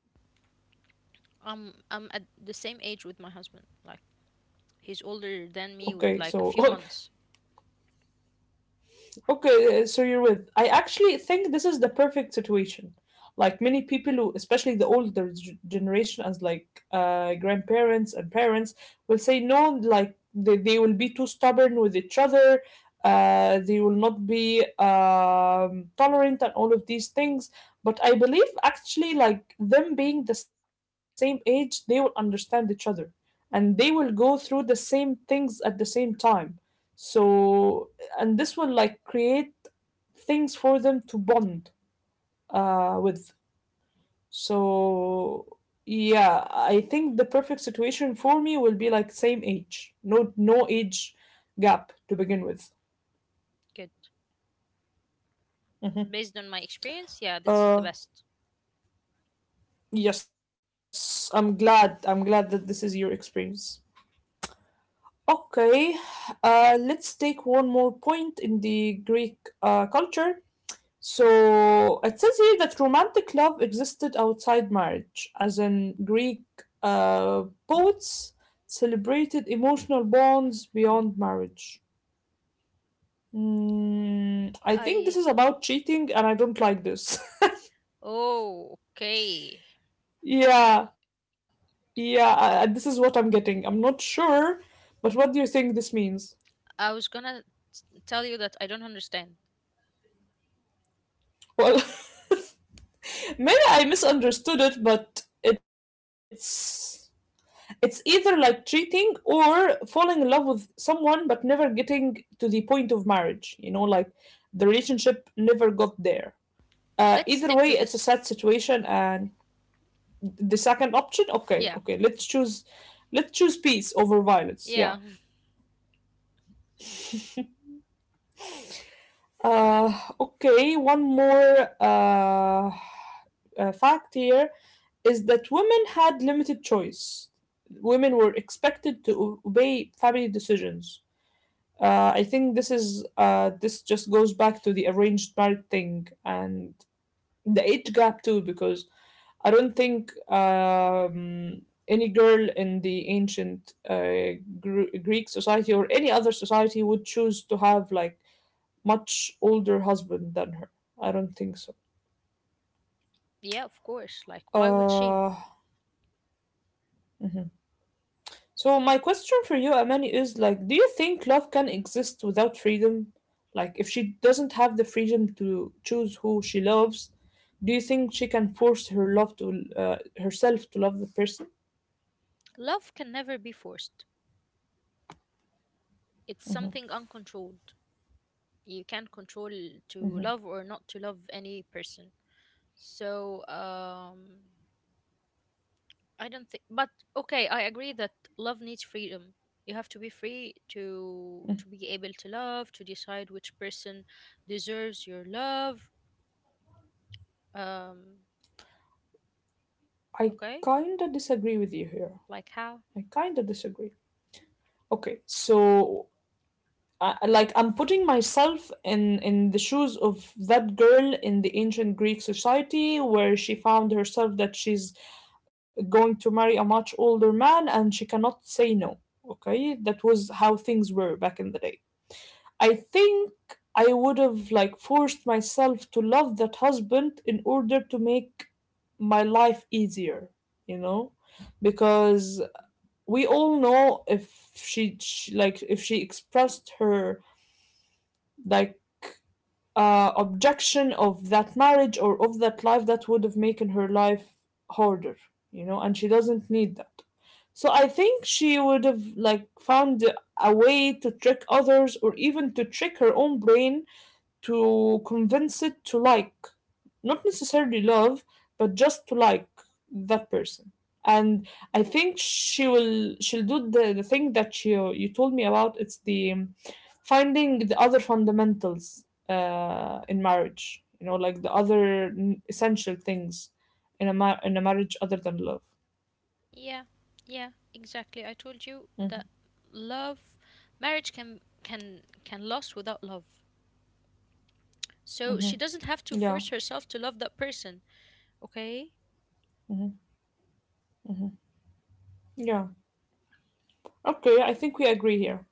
[SPEAKER 2] I'm at the same age with my husband, like he's older than me with
[SPEAKER 1] Okay,
[SPEAKER 2] like a
[SPEAKER 1] so
[SPEAKER 2] few months.
[SPEAKER 1] *laughs* okay, so you're with. I actually think this is the perfect situation. Like many people who, especially the older generation, as like grandparents and parents, will say no. Like they will be too stubborn with each other. They will not be tolerant and all of these things. But I believe actually, like them being the same age, they will understand each other, and they will go through the same things at the same time. So and this one like create things for them to bond with. So yeah, I think the perfect situation for me will be like same age, no gap to begin with.
[SPEAKER 2] Good. Based on my experience, yeah, this is the
[SPEAKER 1] Uh,
[SPEAKER 2] best.
[SPEAKER 1] yes, I'm glad. I'm glad that this is your experience. Okay, let's more point in the Greek culture. So it says here that romantic love existed outside marriage, as in Greek poets celebrated emotional bonds beyond marriage. I think this
[SPEAKER 2] I
[SPEAKER 1] is about cheating, and I don't like this.
[SPEAKER 2] Oh, okay.
[SPEAKER 1] *laughs* yeah, yeah, this is what I'm getting. I'm not sure, but what do you think this means?
[SPEAKER 2] I was gonna tell you that I don't understand.
[SPEAKER 1] Well, *laughs* maybe I misunderstood it, but it's. It's either like cheating or falling in love with someone but never getting to the point of marriage, like the relationship never got there. Uh,
[SPEAKER 2] Let's
[SPEAKER 1] either way,
[SPEAKER 2] stick to
[SPEAKER 1] it's a
[SPEAKER 2] this.
[SPEAKER 1] sad situation. And the second option, okay,
[SPEAKER 2] Yeah,
[SPEAKER 1] okay, let's choose, peace over violence. Yeah.
[SPEAKER 2] yeah, *laughs*
[SPEAKER 1] Okay, one more fact here is that women had limited choice. Women were expected to obey family decisions. I think this is this just goes back to the arranged marriage thing and the age gap too, because I don't think any girl in the ancient Greek society or any other society would choose to have like much older husband than her. I don't think so.
[SPEAKER 2] yeah. Of course. Like, why would she?
[SPEAKER 1] Uh, mhm. So my question for you, Amani, is like, do you think love can exist without freedom? Like, if she doesn't have the freedom to choose who she loves, do you think she can force herself to love the person?
[SPEAKER 2] Love can never be forced. It's something uncontrolled. You can't control to love or not to love any person. So, I don't think, but okay, I agree that love needs freedom. You have to be free to be able to love, to decide which person deserves your love. Um,
[SPEAKER 1] I
[SPEAKER 2] okay,
[SPEAKER 1] kinda disagree with you here.
[SPEAKER 2] like how?
[SPEAKER 1] I kinda disagree. Okay, so like I'm putting myself in the shoes of that girl in the ancient Greek society where she found herself that she's going to marry a much older man and she cannot say no. Okay, that was how things were back in the day. I think I would have like forced myself to love that husband in order to make my life easier, you know? Because we all know if she, she like if she expressed her like objection of that marriage or of that life, that would have making her life harder, and she doesn't need that. So I think she would have like found a way to trick others or even to trick her own brain to convince it to like, not necessarily love, but just to like that person. And I think she'll do the thing that you told me about. It's the finding the other fundamentals in marriage. You know, like the other essential things in a marriage other than love.
[SPEAKER 2] Yeah, yeah, exactly. I told you
[SPEAKER 1] Mhm.
[SPEAKER 2] that love, marriage can last without love. So she doesn't have to
[SPEAKER 1] Yeah.
[SPEAKER 2] force herself to love that person. Okay,
[SPEAKER 1] Mhm. Yeah. Okay, I think we agree here.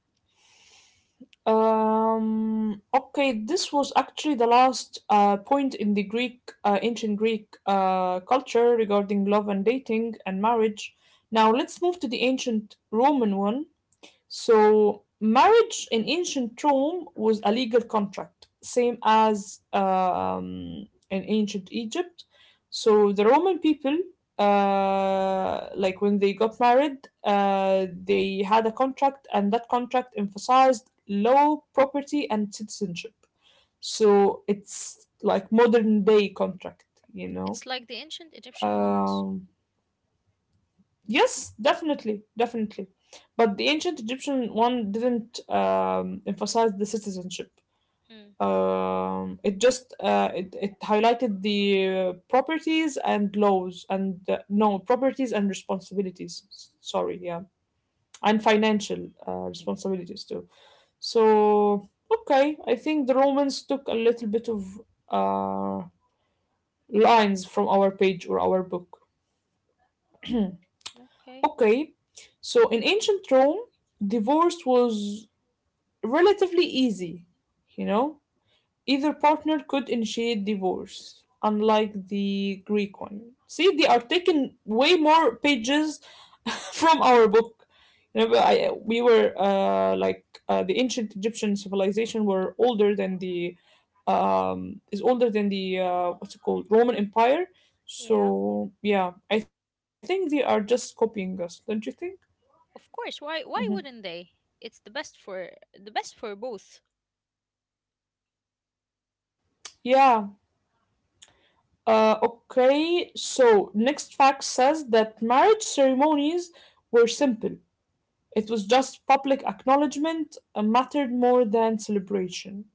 [SPEAKER 1] Okay, this was actually the last point in the Greek, ancient Greek culture regarding love and dating and marriage. Now let's move to the ancient Roman one. So, marriage in ancient Rome was a legal contract, same as in ancient Egypt. So, the Roman people, like when they got married, they had a contract, and that contract emphasized law, property, and citizenship. So, it's like modern day contract, you know.
[SPEAKER 2] it's like the ancient Egyptian ones.
[SPEAKER 1] Um, Yes definitely, definitely. But the ancient Egyptian one didn't emphasize the citizenship.
[SPEAKER 2] Hmm.
[SPEAKER 1] It just it, it highlighted the properties and laws, and no, properties and responsibilities. Sorry, yeah, and financial responsibilities too. So okay, I think the Romans took a little bit of uh, lines from our page or our book.
[SPEAKER 2] Okay.
[SPEAKER 1] Okay, so in ancient Rome, divorce was relatively easy, you know? Either partner could initiate divorce, unlike the Greek one. See, they are taking way more pages *laughs* from our book. You know, we were like the ancient civilization were older than the is older than the what's it called Roman Empire.
[SPEAKER 2] Yeah.
[SPEAKER 1] So yeah, I think they are just copying us, don't you think?
[SPEAKER 2] Of course,
[SPEAKER 1] Mm-hmm.
[SPEAKER 2] why wouldn't they? It's the best, for the best for both.
[SPEAKER 1] Yeah. Okay. So next fact says that marriage ceremonies were simple. It was just public acknowledgement mattered more than celebration.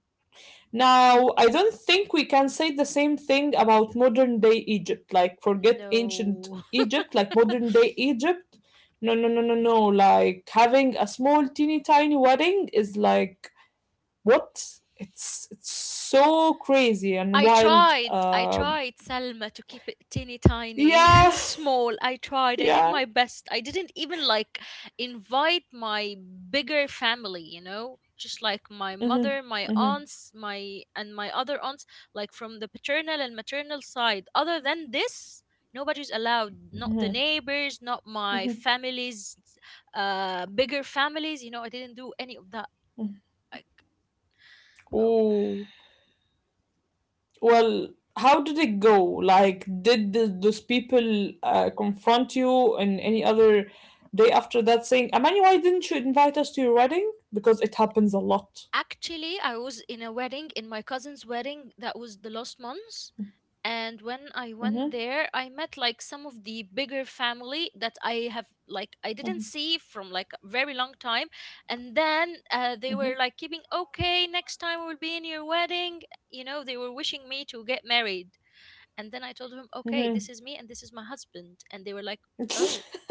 [SPEAKER 1] Now, I don't think we can say the same thing about modern day Egypt. Like, forget ancient
[SPEAKER 2] No.
[SPEAKER 1] Egypt, like modern day Egypt. No, no, no, no, no. Like having a small, teeny tiny wedding is like what? It's so crazy and
[SPEAKER 2] I
[SPEAKER 1] wild.
[SPEAKER 2] tried, I
[SPEAKER 1] Um,
[SPEAKER 2] tried, Salma, to keep it teeny tiny *laughs* and
[SPEAKER 1] yeah,
[SPEAKER 2] small. I tried, I did
[SPEAKER 1] yeah.
[SPEAKER 2] my best. I didn't even like invite my bigger family, you know, just like my mother, my
[SPEAKER 1] Mm-hmm. Mm-hmm.
[SPEAKER 2] aunts, my and my other aunts, like from the paternal and maternal side. Other than this, nobody's allowed. Not the neighbors, not my
[SPEAKER 1] Mm-hmm.
[SPEAKER 2] family's bigger families. You know, I didn't do any of that. Like, oh.
[SPEAKER 1] Oh. Well, how did it go? Like, did th those people confront you in any other day after that saying, Amani, why didn't you invite us to your wedding? Because it happens a lot.
[SPEAKER 2] Actually, I was in a wedding, in my cousin's wedding, that was the last month. And when I went
[SPEAKER 1] Mm-hmm.
[SPEAKER 2] there, I met like some of the bigger family that I have, like I didn't see from like a very long time. And then, they were like keeping, okay, next time we'll be in your wedding. You know, they were wishing me to get married. And then I told them, okay,
[SPEAKER 1] Mm-hmm.
[SPEAKER 2] this is me and this is my husband. And they were like, oh.
[SPEAKER 1] *laughs*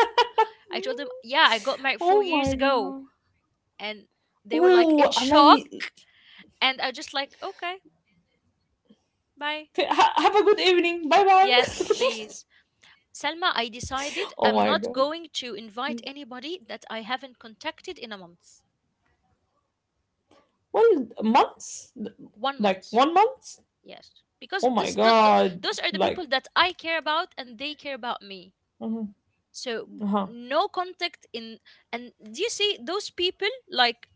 [SPEAKER 2] I told them, yeah, I got married four
[SPEAKER 1] oh
[SPEAKER 2] years
[SPEAKER 1] my
[SPEAKER 2] ago.
[SPEAKER 1] God.
[SPEAKER 2] And they were like in
[SPEAKER 1] Oh, Amani,
[SPEAKER 2] shock, and I just like, okay, bye.
[SPEAKER 1] ha have a good evening. Bye bye.
[SPEAKER 2] Yes, please. Selma, I decided
[SPEAKER 1] *laughs* oh
[SPEAKER 2] I'm
[SPEAKER 1] my
[SPEAKER 2] not
[SPEAKER 1] God.
[SPEAKER 2] going to invite anybody that I haven't contacted in a month.
[SPEAKER 1] Well, months?
[SPEAKER 2] One
[SPEAKER 1] Like,
[SPEAKER 2] month.
[SPEAKER 1] 1 month?
[SPEAKER 2] Yes. Because
[SPEAKER 1] Oh my God.
[SPEAKER 2] those are the people
[SPEAKER 1] Like,
[SPEAKER 2] that I care about and they care about me.
[SPEAKER 1] uh-huh.
[SPEAKER 2] So
[SPEAKER 1] Uh-huh.
[SPEAKER 2] no contact in. And do you see those people? Like,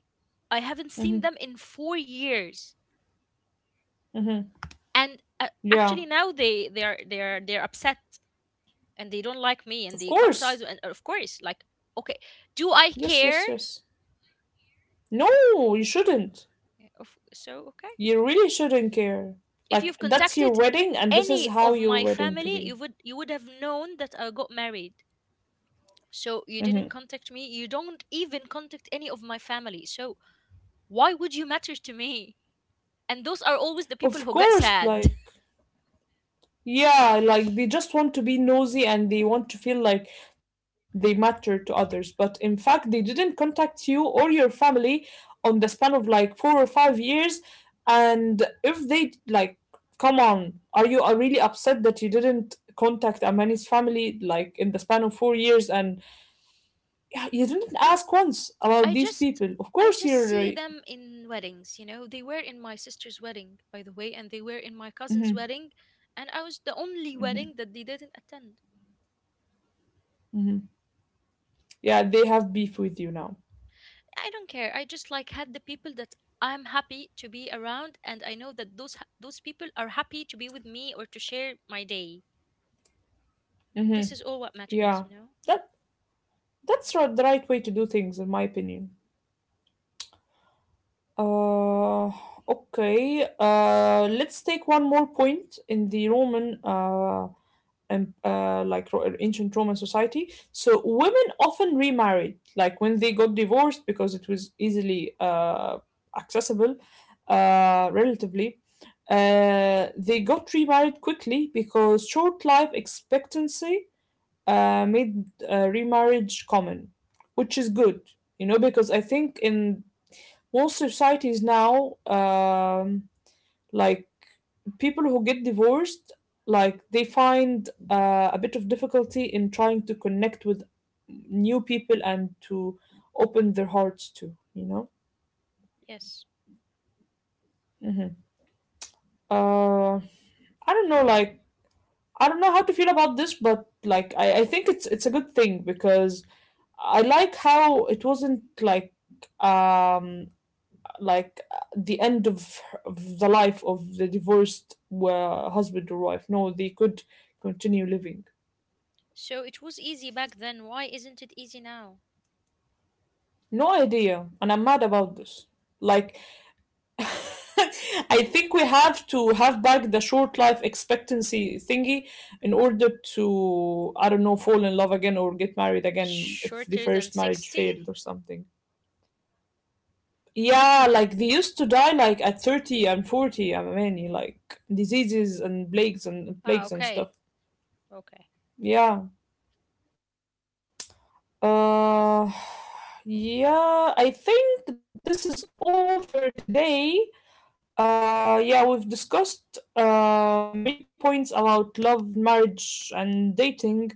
[SPEAKER 2] I haven't seen
[SPEAKER 1] Mm-hmm.
[SPEAKER 2] them in 4 years.
[SPEAKER 1] Mm-hmm.
[SPEAKER 2] And
[SPEAKER 1] Yeah,
[SPEAKER 2] actually now they're upset, and they don't like me, and
[SPEAKER 1] of
[SPEAKER 2] they cut ties,
[SPEAKER 1] course.
[SPEAKER 2] and of course, like, okay, do I
[SPEAKER 1] Yes,
[SPEAKER 2] care?
[SPEAKER 1] yes, yes. No, you shouldn't.
[SPEAKER 2] So okay,
[SPEAKER 1] You really shouldn't care.
[SPEAKER 2] if
[SPEAKER 1] Like,
[SPEAKER 2] you've
[SPEAKER 1] that's your
[SPEAKER 2] contacted
[SPEAKER 1] wedding, and this is
[SPEAKER 2] any
[SPEAKER 1] how
[SPEAKER 2] of
[SPEAKER 1] your
[SPEAKER 2] my
[SPEAKER 1] wedding to
[SPEAKER 2] family, you
[SPEAKER 1] be.
[SPEAKER 2] would you would have known that I got married. So you
[SPEAKER 1] Mm-hmm.
[SPEAKER 2] didn't contact me, you don't even contact any of my family, so why would you matter to me? And those are always the people
[SPEAKER 1] Of
[SPEAKER 2] who get
[SPEAKER 1] course,
[SPEAKER 2] sad.
[SPEAKER 1] like. Yeah, like they just want to be nosy and they want to feel like they matter to others. But in fact, they didn't contact you or your family on the span of like 4 or 5 years. And if they like, come on, are you are really upset that you didn't contact Amani's family like in the span of 4 years and, yeah, you didn't ask once
[SPEAKER 2] *laughs*
[SPEAKER 1] about
[SPEAKER 2] i
[SPEAKER 1] these
[SPEAKER 2] just
[SPEAKER 1] people? Of
[SPEAKER 2] i
[SPEAKER 1] course,
[SPEAKER 2] just
[SPEAKER 1] you're
[SPEAKER 2] see
[SPEAKER 1] right.
[SPEAKER 2] them in weddings, you know. They were in my sister's wedding, by the way, and they were in my cousin's wedding, and I was the only wedding that they didn't attend.
[SPEAKER 1] Yeah, they have beef with you now.
[SPEAKER 2] I don't care. I just like had the people that I'm happy to be around, and I know that those people are happy to be with me or to share my day. This is all what matters,
[SPEAKER 1] Yeah,
[SPEAKER 2] you know.
[SPEAKER 1] that the right way to do things, in my opinion. Uh, okay. Let's take one more point in the Roman, and like ancient Roman society. So women often remarried, like when they got divorced because it was easily accessible, relatively. They got remarried quickly because short life expectancy made remarriage common, which is good, you know, because I think in most societies now like people who get divorced, like they find a bit of difficulty in trying to connect with new people, and to open their hearts to.
[SPEAKER 2] Yes.
[SPEAKER 1] uh, I don't know, like I don't know how to feel about this, but like I think it's a good thing because I like how it wasn't um like the end of the life of the divorced husband or wife. No, they could continue living.
[SPEAKER 2] So it was easy back then. Why isn't it easy now?
[SPEAKER 1] No idea, and I'm mad about this. Like, *laughs* I think we have to have back the short life expectancy thingy in order to, I don't know, fall in love again or get married again if the
[SPEAKER 2] Shorter than
[SPEAKER 1] first marriage
[SPEAKER 2] 60?
[SPEAKER 1] failed or something. Yeah, like they used to die like at 30 and 40, I mean, like diseases and plagues and
[SPEAKER 2] Ah,
[SPEAKER 1] plagues and stuff.
[SPEAKER 2] okay, okay.
[SPEAKER 1] Yeah. Uh, yeah, I think this is all for today. Yeah, we've discussed many points about love, marriage, and dating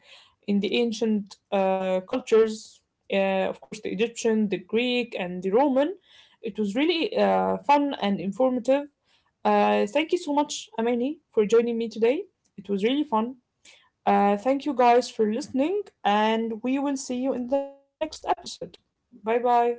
[SPEAKER 1] in the ancient cultures. Of course, the Egyptian, the Greek, and the Roman. It was really fun and informative. Thank you so much, Amani, for joining me today. It was really fun. Thank you guys for listening, and we will see you in the next episode. Bye bye.